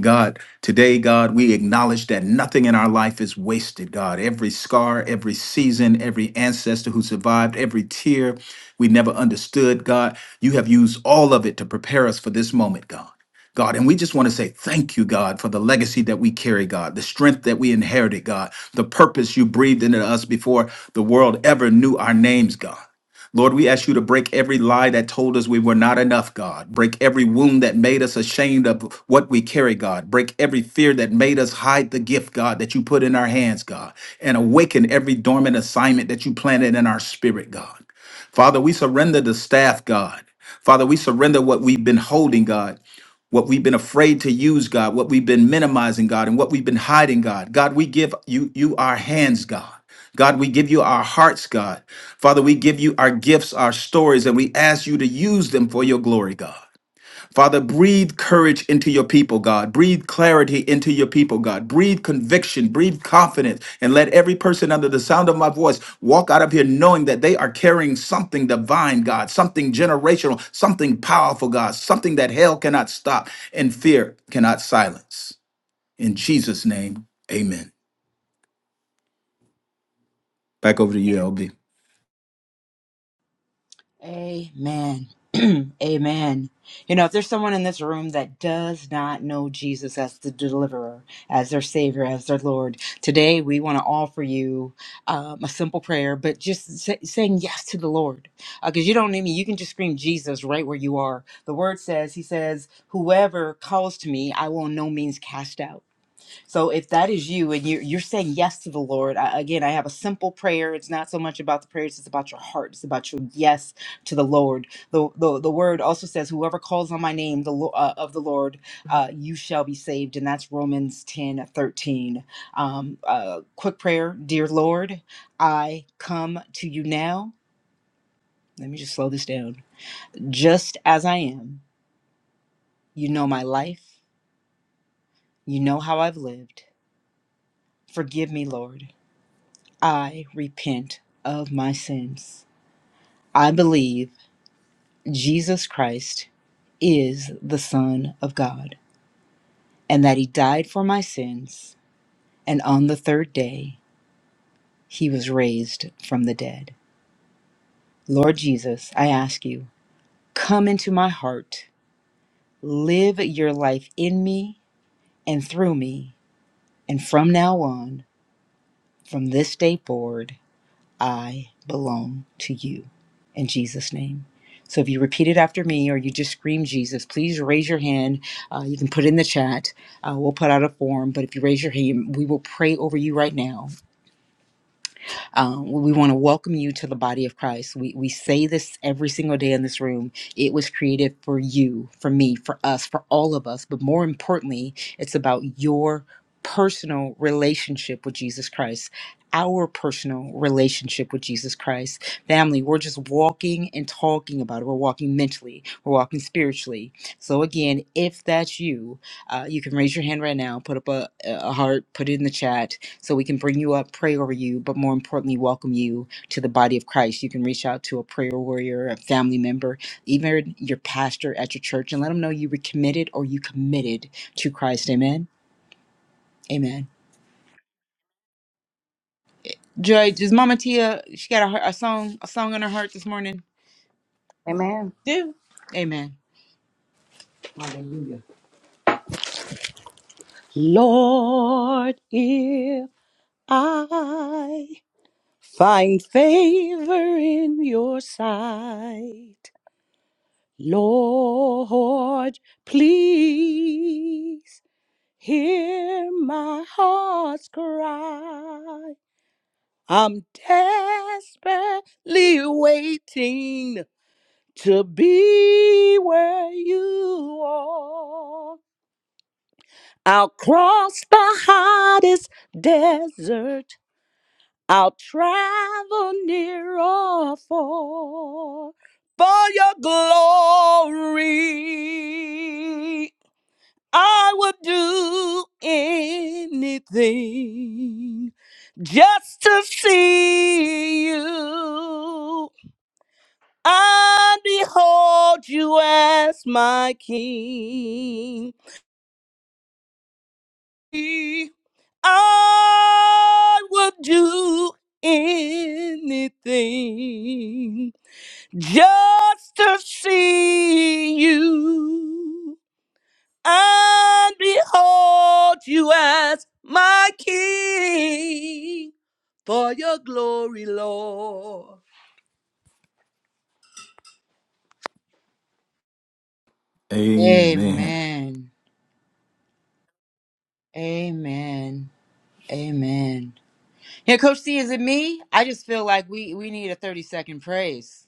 God, today, God, we acknowledge that nothing in our life is wasted, God. Every scar, every season, every ancestor who survived, every tear we never understood, God, you have used all of it to prepare us for this moment, God. God. And we just want to say thank you, God, for the legacy that we carry, God, the strength that we inherited, God, the purpose you breathed into us before the world ever knew our names, God. Lord, we ask you to break every lie that told us we were not enough, God. Break every wound that made us ashamed of what we carry, God. Break every fear that made us hide the gift, God, that you put in our hands, God. And awaken every dormant assignment that you planted in our spirit, God. Father, we surrender the staff, God. Father, we surrender what we've been holding, God. What we've been afraid to use, God, what we've been minimizing, God, and what we've been hiding, God. God, we give you you our hands, God. God, we give you our hearts, God. Father, we give you our gifts, our stories, and we ask you to use them for your glory, God. Father, breathe courage into your people, God. Breathe clarity into your people, God. Breathe conviction, breathe confidence, and let every person under the sound of my voice walk out of here knowing that they are carrying something divine, God, something generational, something powerful, God, something that hell cannot stop and fear cannot silence. In Jesus' name, amen. Back over to you, LB. Amen. Amen. You know, if there's someone in this room that does not know Jesus as the deliverer, as their savior, as their Lord, today we want to offer you um, a simple prayer, but just say, saying yes to the Lord. Because you don't need me. You can just scream Jesus right where you are. The word says, He says, Whoever calls to me, I will in no means cast out. So if that is you and you're, you're saying yes to the Lord, I, again, I have a simple prayer. It's not so much about the prayers, it's about your heart. It's about your yes to the Lord. The, the, the word also says, whoever calls on my name the, Lo- uh, of the Lord, uh, you shall be saved. And that's Romans 10 13. Um, uh, quick prayer. Dear Lord, I come to you now. Let me just slow this down. Just as I am, you know my life. You know how I've lived. Forgive me, Lord. I repent of my sins. I believe Jesus Christ is the Son of God and that He died for my sins, and on the third day He was raised from the dead. Lord Jesus, I ask you, come into my heart, live your life in me and through me, and from now on, from this day forward. I belong to you in Jesus' name. So if you repeat it after me or you just scream Jesus, please raise your hand. Uh, you can put it in the chat. Uh, we'll put out a form, but if you raise your hand, we will pray over you right now. Um, we want to welcome you to the body of Christ. We, we say this every single day in this room. It was created for you, for me, for us, for all of us. But more importantly, it's about your personal relationship with Jesus Christ. Our personal relationship with Jesus Christ. Family, we're just walking and talking about it. We're walking mentally, we're walking spiritually. So, again, if that's you, uh, you can raise your hand right now, put up a, a heart, put it in the chat so we can bring you up, pray over you, but more importantly, welcome you to the body of Christ. You can reach out to a prayer warrior, a family member, even your pastor at your church, and let them know you were committed or you committed to Christ. Amen. Amen. Joy, does Mama Tia, she got a, heart- a song, a song on her heart this morning? Amen. Do. Amen. Hallelujah. Lord, if I find favor in your sight, Lord, please hear my heart's cry. I'm desperately waiting to be where you are. I'll cross the hottest desert. I'll travel near or far for your glory. I would do anything just to see you. I behold you as my king. I would do anything just to see you and behold you as my king for your glory, Lord. Amen. Amen. Amen. Amen. Yeah, Coach C, is it me? I just feel like we we need a 30 second praise.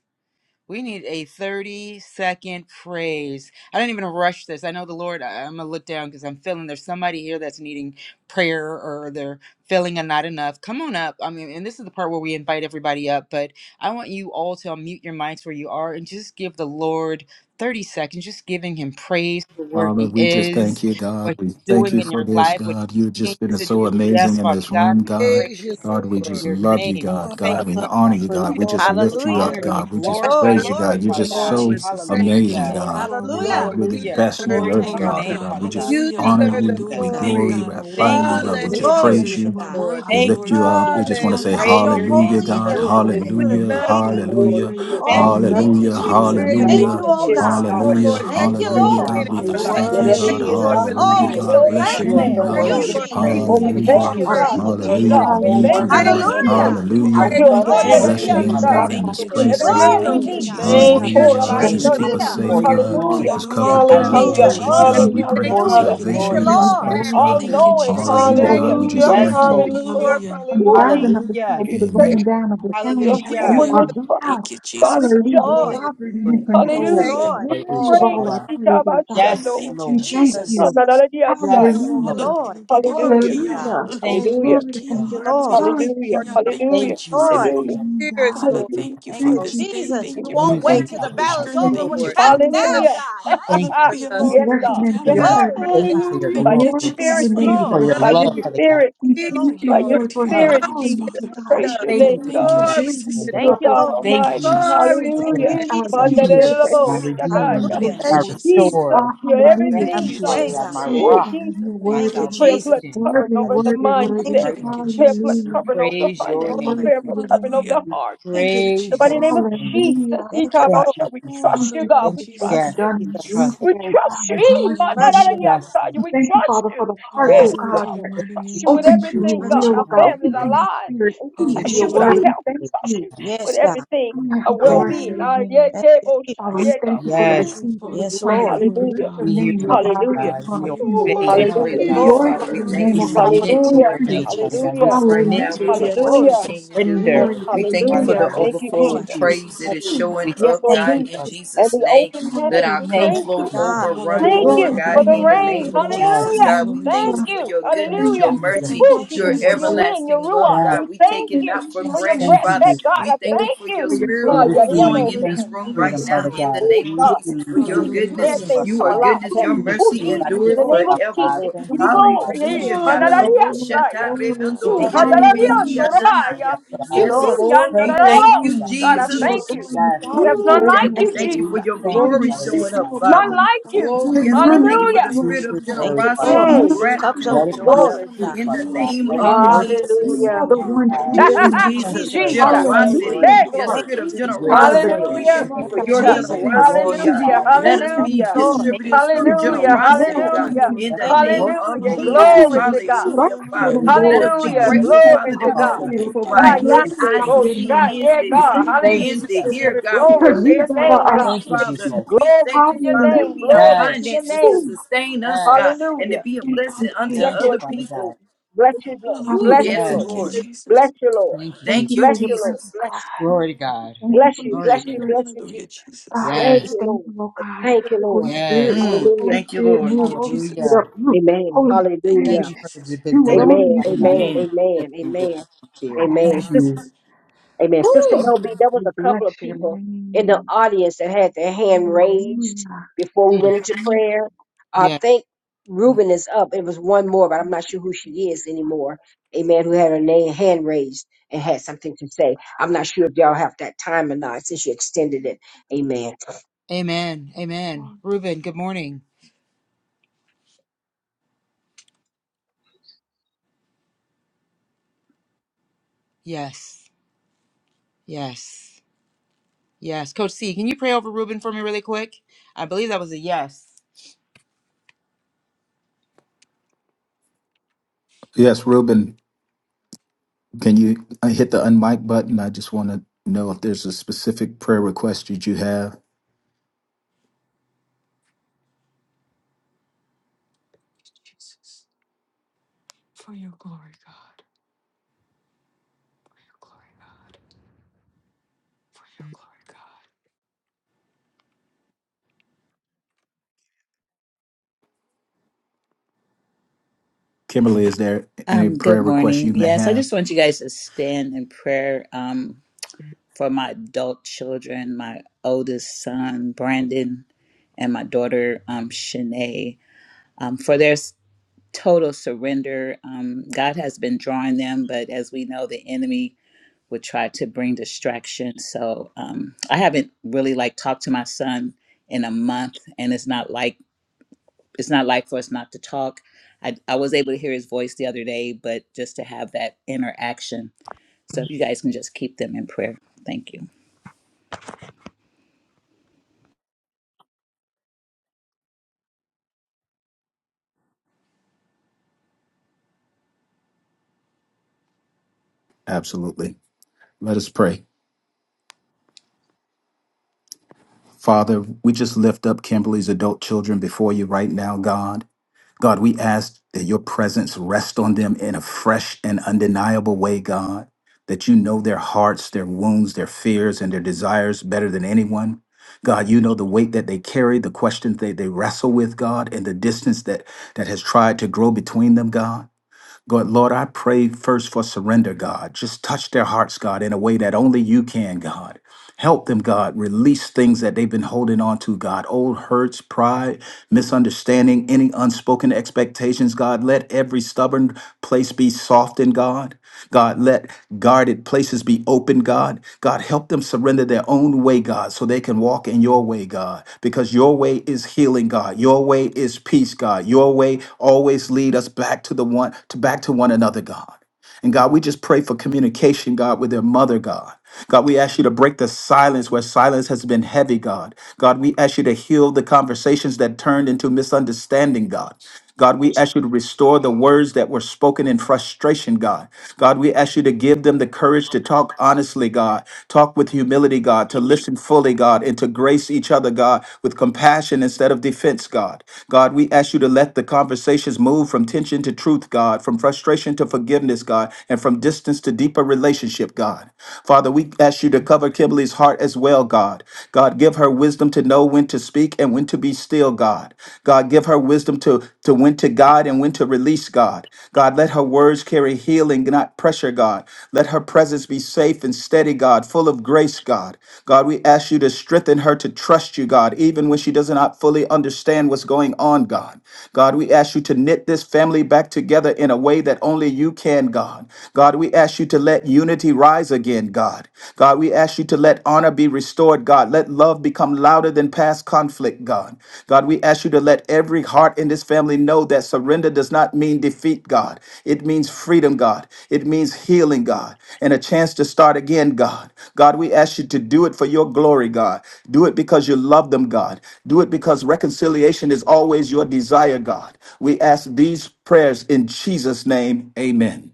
We need a 30 second praise. I don't even rush this. I know the Lord, I, am going to look down because I'm feeling there's somebody here that's needing prayer or they're feeling a not enough. Come on up. I mean, and this is the part where we invite everybody up, but I want you all to unmute your mics where you are and just give the Lord 30 seconds, just giving him praise for where Father, he we just is, thank you, what God. We he's thank doing you in for your this, life, what God. You've he just been continues to so do. Yes, amazing in Father this God, room, we God. Praise you, praise God, we Lord. just your love you, name. We Oh, God. God, my thank you, we God, Father God. honor you, and God. We just all the We lift you up, honor Hallelujah. you. Lord. We God. We I just Oh, glorify come, praise your you, glory God. name, You're be to Father just Lord, God. God. so with praise. amazing, Hallelujah. Hey, God. hallelujah. Lord, You're the you Hallelujah. best in deserve the Glory to earth, the Thank your you, God. honor. name, God we Father God. just You honor Thank you, deserve the you. We Jesus. God. glory. glorify Thank you, you, God. Hallelujah. We Jesus. just We Glory bless praise be you. to your name, God. O Lord. God. We for Thank lift You are you, you Father up. We holy. God. just We Just want to Hallelujah. We say bless praise your your glorify hallelujah, your name. holy name, O God. and God, Hallelujah. because you We are miraculous Hallelujah, love you, merciful name. and Lord. Glory hallelujah, patient. to We your thank name. We Oh, Thank you, you, love Lord. thank you, Lord. you, hallelujah, Father, We for Jesus. Hallelujah. loving By praise you, us your Thank hallelujah, you, first. oh Lord. spirit, Hallelujah. We God. God, Oh, thank you hallelujah, Lord, for you are being Thank thank you you, for Glory to hallelujah, Jehovah magnificent. Lord. being God. God. in We You're Roy, our the You just God life. Thank thank you, who you, Whatever Thank it God. worthy, sees you, us. is, you're Lord, God, Jesus. for we worthy, Hallelujah, give Oh, leading we're you you're Hallelujah. so God. glory worthy. We Bless and our life. your are thank thankful you name, thanks, so for for oh Thank worthy God. being God. you, you, to Lord, be for Jehovah keeping praised, Jesus. Oh, we Father Thank us Roy, you, thank all Hallelujah, God. you, our heard. God, Thank good Jesus. for you, being You shepherd. Jesus. hallelujah. are God. We We so need you, thank you Hallelujah. worthy. for Thank you, God. Thank being you We for good. Lord. thank being Hallelujah. you, We the God, for Hallelujah. praise You're you. being Alpha for and We the your Glory Jehovah Thank you, be bless to your Omega, We Shalom, name, God. the Father Jesus. thank God God. God, Eliasaya. of you, in We our this Lord. You're peace. place, You're everything God. Glory we so be Thank good, to need. you, praise God. Lord. your Thank Jesus. you, Hallelujah, Oh, Just We Rabbi God. bless thank you, Just name keep Jesus. us Sunday. Father, everyone, for Hallelujah. safe, Lord. for being your God. Jehovah glory. Hallelujah. Keep us Rapha, covered, our Thank you, I bless, God. will healer. Lord. Hallelujah. Hallelujah, do Hallelujah, In the Jesus. And God. everything Omni. we We name of pray thank hallelujah, you for for Hallelujah. your Jesus, Thank hallelujah. salvation you, for glory, in this we this Father Lord. God. place, fast, glorify God. all Thank Lord. you, your name. knowing. Thank Jesus. We you, You Hallelujah, are Jesus. thank God. Hallelujah. you, We We worthy to Hallelujah, just be Lord. thank Yes, thank you. Lord. praised, We O God. hallelujah, glorify From your the you, hallelujah. Jesus. Lord. rising of the We Hallelujah. give sun you to the name. We praise Amen. praise going down of you, the for Thank Lord. you, same, We Jesus. you Hallelujah. Jehovah are love Mitzvah, you, Lord. God. God of We Thank you, Hallelujah. adore Lord. justice. you, Sovereign and Lord. in Just Thank Jesus. you, control. thank Hallelujah. you Lord. for Worthy all, of Praise. all Lord. our praise, O Thank God. Yes, Itabashando. Lord. We thank Because, Jesus. you. Nananadiasaya. Yes, Thank you, Lord. Hallelujah. Lord. Glory Hallelujah. to God. Hallelujah. Thank oh, you, Lord, Hallelujah. Glory to open Thank Jesus. you. you, up to you, you our Lord. Glory to Hallelujah. hearts you. and Jesus. Thank Hallelujah. you, Glory Jesus. Lord. to our Hallelujah. Thank you, spirits, God. you, Lord. Hallelujah. Father Thank you, Thank God. Oh, you, you. Jesus. We Jesus. Amen. won't Thank Use you, We Thank me, wait till you, the Father Jesus. thank God. battle's you, Thank Jesus. Thank over. you, We're you, Lord. Jesus. shouting Just now, Jesus. Hallelujah. God. pray Thank Thank Ah, you. you, on We Jesus. us. yes, bless Thank your you God. name for for your Yes, your mercy. Just God. Glory presence. be to Thank pray. you God. for your We Hallelujah, By glory. your glorify Thank your spirit, you, Thank name Jesus. you hallelujah, for for Lord. your your Lord. By Love you. your love, spirit. Father hallelujah. God. spirit. Thank We you, Need you, thank Lord. you, By your Lord. Lord, for Thank Oh, spirit, you, empowering Jesus. us, oh Thank Jesus. you, God. Praise Hallelujah. your thank We Jesus. you name, for God. thank you being for the Glory to your building angel, us Lord Father Thank up, you, oh God God. God. Lord. Thank Almighty. We you thank you for Glory to for Thank us, you, your Hallelujah. being name, Thank uh, you, my coming Jesus. together healer, for Jesus. dear my Mandarabo Thank Lord. you. edification redeemer, and Shakaya. growth, Hallelujah. my Thank you, Lord. Jesus, Ah, restorer, you're my hallelujah. Have Thank everything, refuge, your God. you. Father way, people. God, my Jesus. God. Thank you, Oh, Thank you. God. rock, Jesus, You're my Thank we you, worthy, pray a Jesus. blood salvation, Father covering worthy, God. over We the worthy, Thank mindset. worthy. you, right now. Prayer blood We Hallelujah. covering over the praise your finances. name. Glory Lord. Prayer to blood your covering over the name. We heart. Thank you, And praise by the Jesus. your name of name. Hallelujah. Jesus, Thank you, Thank you, Ikabasha, Lord. we Jesus. trust Thank you, you, God. Thank We Jesus, for what Thank you, trust you've Yes, you. done in we this trust. room Jesus. We today. you, Father trust God, you. you. we God. Eh, glorify your Trust you, name. Lord. Yes, Mandarayasa, We Lord. We thank you, trust Father, you. for the heart, Yes, oh Oh, Yes, Hallelujah. God, God, that we Thank trust you with open to you. your everything, God. trust you. will, Our oh God, glory. to families, open your to our name. your lives. spirit, Thank open you, to Bless your you with Jesus. our word. Jesus. We health. We thank trust you. you with Yes, God. everything, God, our we well glorify Yes, being. your Our yeah, name. Thank you, table, Father, we Jesus. yeah, God, thank you we for You're every trust yes. you. seed worthy, that was you're Yes, planted. Lord. We bless Hallelujah. your We hear name, you, oh Father Thank God, you, because Hallelujah. you're God. going We to send the worthy, you're obey you, water. Father Hallelujah. worthy, Jesus. We Hallelujah, God. you're Lord. glorify Father. We your worthy. name, We thank oh you. We God, for give the you submit to Hallelujah. your glory, Thank increase. you, God, name, for Father what Jesus. you're God. We Hallelujah. doing right submit now, to you, what you're Hallelujah. Father Hallelujah. God. going to Glory, Hallelujah. We continue to do. Thank, Glory surrender, We to thank your you Father name, for Hallelujah. the God. God. We Thank you, overflow thank Lord. of Jesus. you. praise that is Hallelujah. Ooh, showing We Yes, up, Lord thank God, you, Jesus. in Father. Jesus. And Jesus' the name. open glory Let to heavens, your our we name, Thank cup Thank thank God. you, you, you. flow God. Jesus. over, run Thank over, Glory you to for your God, the in name, the God. rain. name of Yes, God. Jesus. Hallelujah. Yes. God, we Hallelujah. thank Thank you for you. your thank you, Thank goodness, Thank your Hallelujah. you, you, Jesus. Jesus. Jesus. mercy, Thank Woo, your Jesus, you, Thank for you, Jesus. your Jesus. Hallelujah. wind, your everlasting love, ruach. Yes. God. We We take thank it you not for Hallelujah. for Yes, your granted, Thank breath, you, Father. Thank Hallelujah. God. Jesus. We I Thank thank you thank for you your you. for your Holy spirit We word, thank you, overflowing receive. in word, Thank you for this and Hallelujah. room word, right freedom, yes, and now, Father God. in Oh, the God. Oh We name of God, thank Jesus, receive. for you, your Thank Thank you Jesus. you, Jesus, for their goodness purpose, Jesus. Father things you come are God. goodness, alive. your We Hallelujah. Oh mercy receive Jesus, in the endureth identity, Lord. name of Father forever, God. Jesus, Lord. we Thank give you, you Father God. glory. Hey, Thank Hallelujah. you Glory, God. oh, for glory, manalaria, destiny, Robo glory, Father saya. shata glory. hallelujah, God. Thank rebando Mm, you, Thank Jesus. you for yerebeki hadarariando, Hallelujah. salvation, adanaya. rabaya. Father Thank Thank you, God. You Yes, Lord. are God Chihiya, Lord, we Thank all you, thank narararo. Father you, alone. God. God, Thank I you, Jesus. You Jesus. are thank you. God Yes, beside There's Father you. none Ooh, God. There is like Dad, we no you, Thank thank you, other. you We for Jesus. your thank Father, glory we you, showing thank you, up, O Father None Father. God. like Jesus. you. Oh, There God Yes, is God. yes, we none thank you like for Hallelujah. the you, O through spirit of this God. Thank word, you, There Father is Lord. generosity God. none and Mm, like Cups you, gratitude O Let overflows, it God. showing produce oh up glory. fruit, God. in Father the Glory God. to name Let your it of Thank name. birth Jesus. You everything, Hallelujah. are the Father one God. true Ooh, living you, God. Thank you, Jesus, Father Jesus. Jesus. God. Let us your generosity, Hallelujah. Hey, your glory. Thank heart spirit of Thank you, you, with Jesus. God, generosity. the courage We God thank of today, you our Thank Father for you, Jesus. Thank you, your Hallelujah. God. Jesus. We salvation, generosity, who God. Hallelujah. glorify you. Let restores us Thank be and Hallelujah. you, Lord. redeems. Thank you distributors for We of your give presence, Hallelujah, you Father glory, Thank generosity, God. you, God, Jesus. honor, hallelujah, and in Let the us Thank you, praise. Lord. name work with The of hallelujah, what we God have Jesus. who glory is the to God, shield, our Hallelujah, shield Father. until and it has Let glory, us be become hallelujah, the everything grateful, you lifter glory Father, of that to our we God. have saw in a head, us, oh roof over God, Father our we Ah, God. So head, We Yahweh, glorify eyes thank you. to your see, name. Moshiach, ears yeah, to We We God, see. thank you, thank Is Lord to hallelujah, you, hear Jesus, word. Thank Jesus. God. I glory don't because to know. Let you, your us God, to are name, our God, walk, Thank you, Father. portion. Jesus. We glory thank to you, your Father, that name, we Hallelujah. have glory Yes. to your finances to name, Ooh, sustain us, God, Yes. and to hallelujah. be a thank blessing you, unto Yes, Thank you, Jesus. you. Lord other Father Jesus, God. people. bless you, Lord, God, we Ooh, bless bless you, yes, your Lord, Yes. Lord. name. bless you, Lord, Thank you, Jesus. Thank Thank you you, bless for your you, Lord, Jesus. presence, bless God. you, Glory to God. Thank you bless for you, your Glory to bless God. you, spirit, bless you, Jesus. God. Thank We Yes. you, Thank Lord, you, oh God. thank you, Lord, Holy Spirit, Yes. work. Mm, hallelujah, Holy thank you, Spirit, Lord. move. Holy Hallelujah. Spirit, uproot. amen, Holy Thank hallelujah. Spirit, you for the de- do big what Thank you. deliverance, only Amen. you Father can God. Amen. do. Amen. Thank you for Amen. delivering Amen. us from God, fear. I Amen. Thank thank Sis- you. Amen. Sister Whew. you. LB, Jesus, there was we a bless couple of your people in the name. audience that had their hand raised Hallelujah. before we Mm. went into Thank prayer. I Yeah. think Reuben is up. It was one more, but you. I'm not sure who Thank you, she Jesus. is anymore. Amen. Who had her name hand raised and had something to say. I'm not sure if y'all have that time or not since you extended it. Amen. Amen. Amen. Reuben, good morning. Yes. Yes. Yes. Coach C, can you pray over Reuben for me really quick? I believe that was a yes. Yes, Reuben, can you uh, hit the unmic button? I just want to know if there's a specific prayer request that you have. Kimberly, is there any Um, prayer good request you morning. may Yes, I have? just want you guys to stand in prayer um, for my adult children, my oldest son, Brandon, and my daughter, um, Shanae, um, for their s- total surrender. Um, God has been drawing them, but as we know, the enemy would try to bring distraction. So um, I haven't really like talked to my son in a month, and it's not like it's not like for us not to talk. I, I was able to hear his voice the other day, but just to have that interaction. So if you guys can just keep them in prayer. Thank you. Absolutely. Let us pray. Father, we just lift up Kimberly's adult children before you right now, God. God, we ask that your presence rest on them in a fresh and undeniable way, God, that you know their hearts, their wounds, their fears, and their desires better than anyone. God, you know the weight that they carry, the questions that they wrestle with, God, and the distance that, that has tried to grow between them, God. God, Lord, I pray first for surrender, God. Just touch their hearts, God, in a way that only you can, God. Help them, God, release things that they've been holding on to, God. Old hurts, pride, misunderstanding, any unspoken expectations, God. Let every stubborn place be softened, God. God, let guarded places be open, God. God, help them surrender their own way, God, so they can walk in your way, God, because your way is healing, God. Your way is peace, God. Your way always lead us back to the one to back to one another, God. And God, we just pray for communication, God, with their mother, God. God, we ask you to break the silence where silence has been heavy, God. God, we ask you to heal the conversations that turned into misunderstanding, God. God, we ask you to restore the words that were spoken in frustration, God. God, we ask you to give them the courage to talk honestly, God, talk with humility, God, to Hi, listen fully, God, and to grace each other, God, with compassion instead of defense, God. God, we ask you to let the conversations move from tension to truth, God, from frustration to forgiveness, God God, and from distance to deeper relationship, God. Father, we ask you to cover Kimberly's heart as well, God. God, give her wisdom to know when to speak and when to be still, God. God, give her wisdom to, to when to guide and when to release, God. God, let her words carry healing, not pressure, God. Let her presence be safe and steady, God, full of grace, God. God, we ask you to strengthen her to trust you, God, even when she does not fully understand what's going on, God. God, we ask you to knit this family back together in a way that only you can, God again, God. God, we ask you to let unity rise again, God. God, we ask you to let honor be restored, God. Let love become louder than past conflict, God. God, we ask you to let every heart in this family know that surrender does not mean defeat, God. It means freedom, God. It means healing, God, and a chance to start again, God. God, we ask you to do it for your glory, God. Do it because you love them, God. Do it because reconciliation is always your desire, God. We ask these prayers in Jesus' name. Amen.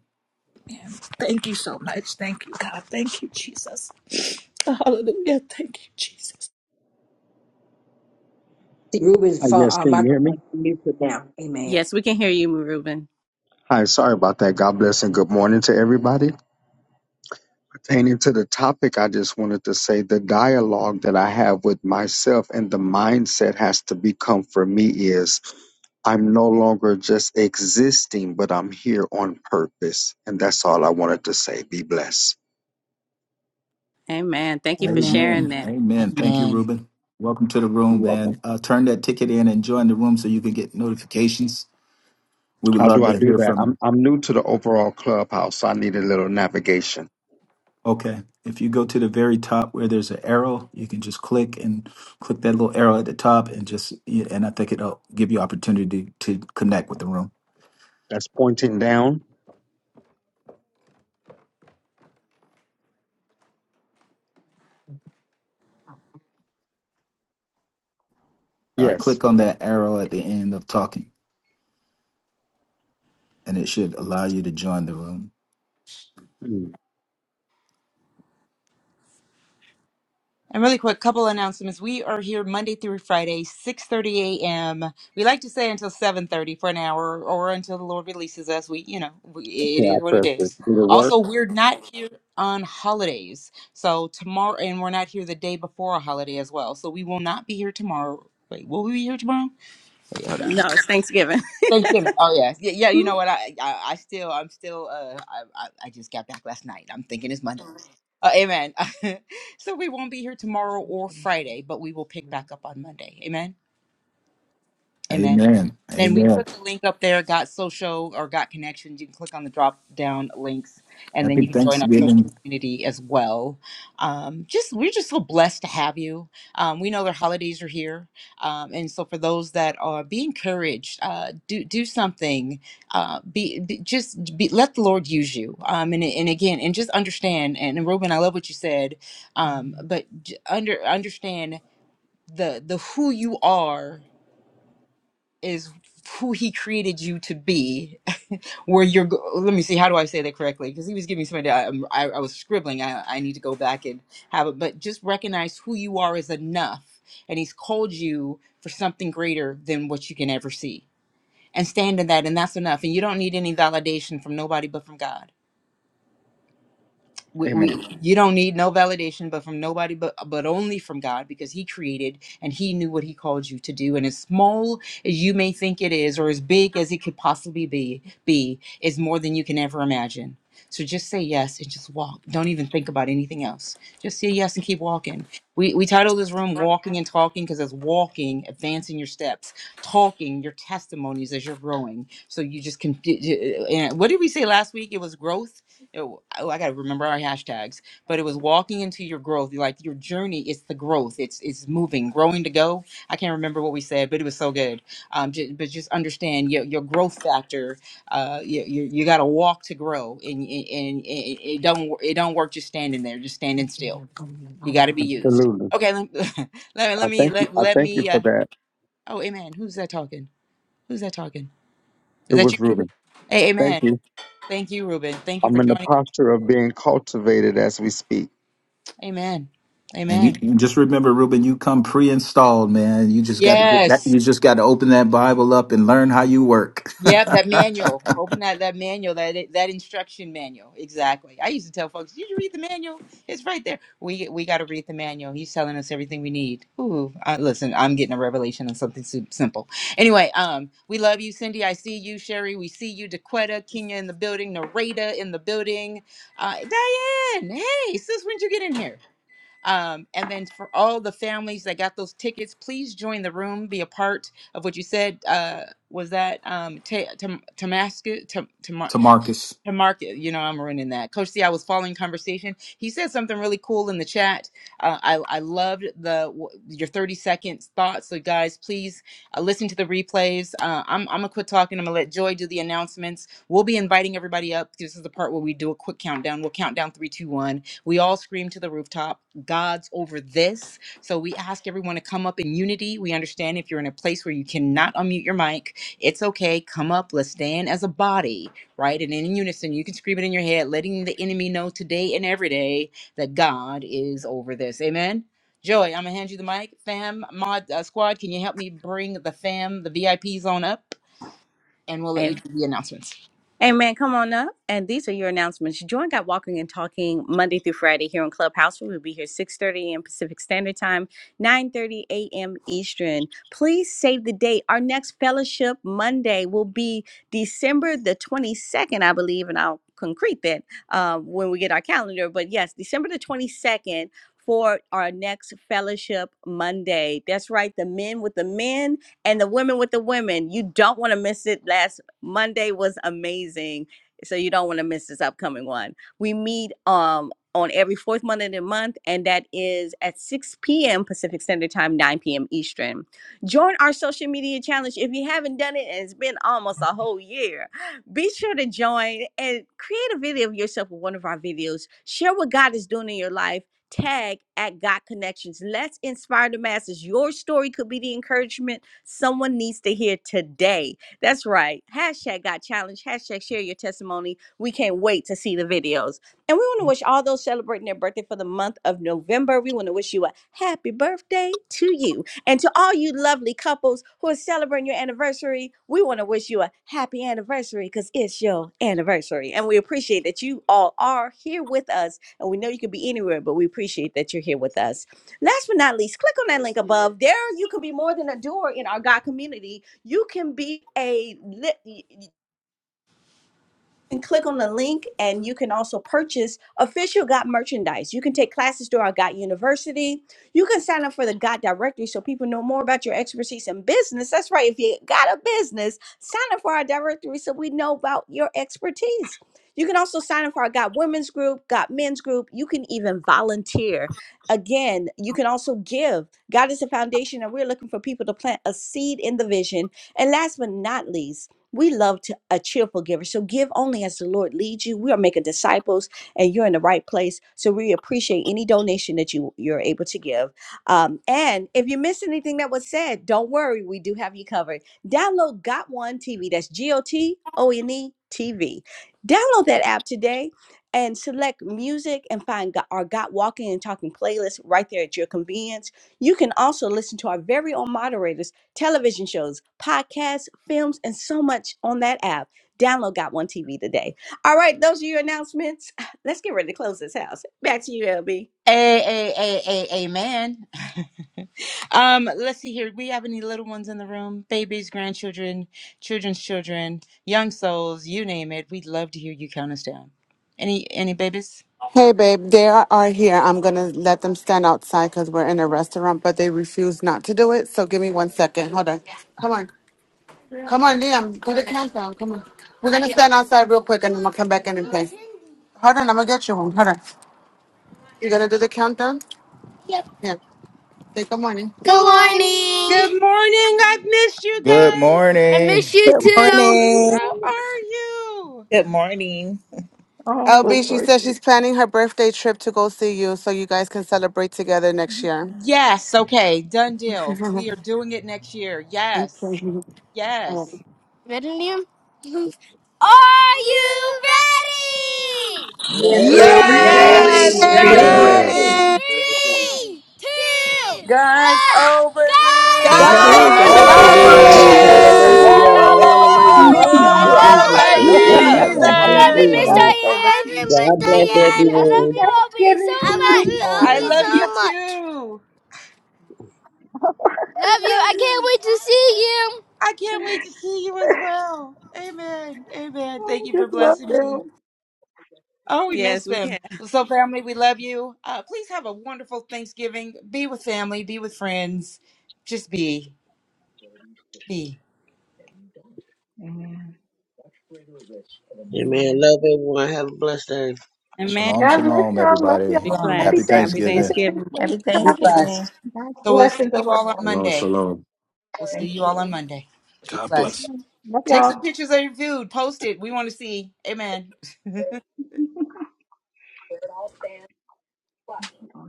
Thank you so much. Thank you, God. Thank you, Jesus. Hallelujah. Thank you, Jesus. See, Reuben's phone, yes, uh, can you hear me? microphone is muted now. Amen. Yes, we can hear you, Reuben. Hi, sorry about that. God bless and good morning to everybody. Pertaining to the topic, I just wanted to say the dialogue that I have with myself and the mindset has to become for me is I'm no longer just existing, but I'm here on purpose. And that's all I wanted to say. Be blessed. Amen. Amen. Amen. Thank you, Amen. Ruben. Welcome to the You're room, welcome. man. Uh, turn that ticket in and join the room so you can get notifications. We would How do love I to do hear that? from you. I'm I'm new to the overall clubhouse, so I need a little navigation. Okay. If you go to the very top where there's an arrow, you can just click and click that little arrow at the top and just, yeah, and I think it'll give you opportunity to connect with the room. That's pointing down. Uh, Yes. click on that arrow at the end of talking and it should allow you to join the room. Mm. For an hour or a Lord, we Yeah, I leave what it pressed is. it. Did it work? Go to the day holiday as well. Wait, will we be here tomorrow? Wait, Hold on. Thanksgiving. Oh yes, yeah, yeah. You know what? I, I, I still, I'm still. Uh, I, I, I just got back last night. I'm thinking it's Monday. Uh, amen. so we won't be here tomorrow or Friday, but we will pick back up on Monday. Amen. Amen. Amen. Then we Amen. put the link up there, got social or got connections. You can click on the drop down links and Happy. then you can join our social community as well. Um, just we're just so blessed to have you. Um, we know the holidays are here. Um, and so for those that are be encouraged, uh, do do something. Uh, be, be just be, let the Lord use you. Um, and and again, and just understand and, and Ruben, I love what you said. Um, but j- under understand the the who you are is who he created you to be where you're go- let me see how do i say that correctly because he was giving me somebody I, I'm- I, I was scribbling I, I need to go back and have it but just recognize who you are is enough and he's called you for something greater than what you can ever see and stand in that and that's enough and you don't need any validation from nobody but from god we, Amen. we you don't need no validation but from nobody but but only from god because he created and he knew what he called you to do and as small as you may think it is or as big as it could possibly be be is more than you can ever imagine so just say yes and just walk don't even think about anything else just say yes and keep walking we we titled this room walking and talking because it's walking advancing your steps talking your testimonies as you're growing so you just can and what did we say last week it was growth it, oh, I gotta remember our hashtags, but it was walking into your growth, like your journey. It's the growth. It's it's moving, growing to go. I can't remember what we said, but it was so good. Um, ju- but just understand your your growth factor. Uh, you you, you gotta walk to grow, and, and and it don't wor- it don't work just standing there, just standing still. You gotta be used. Absolutely. Okay, let, let me I let me thank you. let I let thank you me. for Uh, that. oh, amen. Who's that talking? Who's that talking? Is It that was you, Ruben? Reuben. Hey, Thank amen. you. Thank you, Ruben. Thank you I'm for in the joining. us. posture of being cultivated as we speak. Amen. And Amen. you, you just remember, Ruben, you come pre-installed, man. You just got to get back. Yes. You just got to open that Bible up and learn how you work. Yep, that manual. Open that that manual, that that instruction manual. Exactly. I used to tell folks, "Did you read the manual? It's right there. We we got to read the manual. He's telling us everything we need." Ooh, I, listen, I'm getting a revelation on something sim- simple. Anyway, um, we love you, Cindy. I see you, Sherry. We see you, DeQuetta, Kenya in the building, Narada in the building. Uh, Diane, hey, sis, when'd you get in here? Um, and then for all the families that got those tickets, please join the room, be a part of what you said. Uh, was that um, Tamascus? To Marcus. And Mark, you know, I'm ruining that. Coach C, I was following conversation. He said something really cool in the chat. Uh, I I loved the your 30 seconds thoughts. So guys, please uh, listen to the replays. Uh, I'm I'm gonna quit talking. I'm gonna let Joy do the announcements. We'll be inviting everybody up. This is the part where we do a quick countdown. We'll count down three, two, one. We all scream to the rooftop. God's over this. So we ask everyone to come up in unity. We understand if you're in a place where you cannot unmute your mic, it's okay. Come up. Let's stand as a body right? And in unison, you can scream it in your head, letting the enemy know today and every day that God is over this. Amen. Joy, I'm gonna hand you the mic. Fam, mod uh, squad, can you help me bring the fam, the VIPs on up, and we'll let you do the announcements. Amen. Come on up. And these are your announcements. Join God Walking and Talking Monday through Friday here on Clubhouse. We will be here 6.30 a.m. Pacific Standard Time, 9.30 a.m. Eastern. Please save the date. Our next fellowship Monday will be December the 22nd, I believe, and I'll concrete that uh, when we get our calendar. But yes, December the 22nd for our next fellowship Monday. That's right, the men with the men and the women with the women. You don't want to miss it last Monday was amazing. So you don't want to miss this upcoming one. We meet um on every fourth Monday of the month, and that is at 6 p.m. Pacific Standard Time, 9 p.m. Eastern. Join our social media challenge if you haven't done it, and it's been almost a whole year. Be sure to join and create a video of yourself with one of our videos. Share what God is doing in your life. Tag at God Connections. Let's inspire the masses. Your story could be the encouragement someone needs to hear today. That's right. Hashtag got challenged. Hashtag share your testimony. We can't wait to see the videos. And we want to wish all those celebrating their birthday for the month of November. We want to wish you a happy birthday to you. And to all you lovely couples who are celebrating your anniversary, we want to wish you a happy anniversary because it's your anniversary. And we appreciate that you all are here with us. And we know you could be anywhere, but we appreciate that you're here with us. Last but not least, click on that link above. There, you can be more than a doer in our God community. You can be a can click on the link and you can also purchase official God merchandise. You can take classes through our God University. You can sign up for the God directory so people know more about your expertise in business. That's right. If you got a business, sign up for our directory so we know about your expertise. You can also sign up for our God women's group, God men's group. You can even volunteer. Again, you can also give. God is a foundation, and we're looking for people to plant a seed in the vision. And last but not least, we love to, a cheerful giver. So give only as the Lord leads you. We are making disciples and you're in the right place. So we appreciate any donation that you, you're able to give. Um, and if you miss anything that was said, don't worry. We do have you covered. Download Got One TV. That's G O T O N E TV. Download that app today and select music and find Go- our Got Walking and Talking playlist right there at your convenience. You can also listen to our very own moderators television shows, podcasts, films, and so much on that app. Download Got One TV today. All right, those are your announcements. Let's get ready to close this house. Back to you, LB. A a a a amen. um, let's see here. We have any little ones in the room? Babies, grandchildren, children's children, young souls, you name it. We'd love to hear you count us down. Any any babies? Hey, babe, they are are here. I'm going to let them stand outside because we're in a restaurant, but they refuse not to do it. So give me one second. Hold on. Come on. Come on, Liam. Do the countdown. Come on. We're going to stand outside real quick and I'm going to come back in and play. Hold on. I'm going to get you one. Hold on. You going to do the countdown? Yeah. Say good morning. Good morning. Good morning. I've missed you Good guys. I morning. miss you too. Morning. How Hallelujah. are you? Good morning. Oh, those LB, she says voices. she's planning her birthday trip to go see you so you guys can celebrate together next year. Yes. Okay. Done deal. We are doing it next year. Yes. Yes. Oh. Ready? Millennium. Are you ready? Yes, Glory, we're Yes, Yes, Ready, we're Yes. we're Yes, ready. we're Ready. Ready. ready. Yes. ready. ready. God Three, two, God's one, over go God's God God's this. glory, God's is God Woo! over over over over bless over there. glory. Hernandez! Thomas. this. Woo! you. this. there. Yes. Hallelujah, Thank you. hallelujah. Thank I Hallelujah. you, Hallelujah. love Hallelujah. Woo. Jesus. Thank Thank you, you, Woo. you. Hallelujah. Father. Amen. I love you, Jesus. Miss Amen. Hallelujah. God's Diane. so I love you, Thank Miss God bless you. Diane. I Happy love everyone. you, Obi, so Thanksgiving, much. I sweeties. And love you, I Obi, Oh. love so time you that much. too. We Love you. love I can't you. wait to see you. I can't wait to see you as well. Amen. Amen. Thank you for just love blessing me. them. Oh, we miss Yes, we them. So, family, we love you. Uh, please have a wonderful Thanksgiving. Be with family, be with friends. Just be. be Amen. Amen. Love everyone. Have a blessed day. Shalom, God bless shalom, y'all. Love everybody. y'all. rum. Happy Happy Amen. Thanksgiving. Thanksgiving. Safe Be travels. blessed. God's So we'll see blessings you over all on all. Shalom, Monday. shalom. We'll see Thank you, you all on Lord. Monday. Be god Okay. blessed. bless Love Take y'all. some pictures of your food. Post it. We want to see. Amen. Thank you, Lord.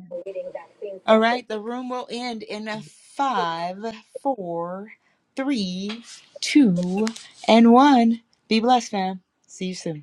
All right. The room will end in a five, four, three, two, and one. Be blessed, fam. See you soon.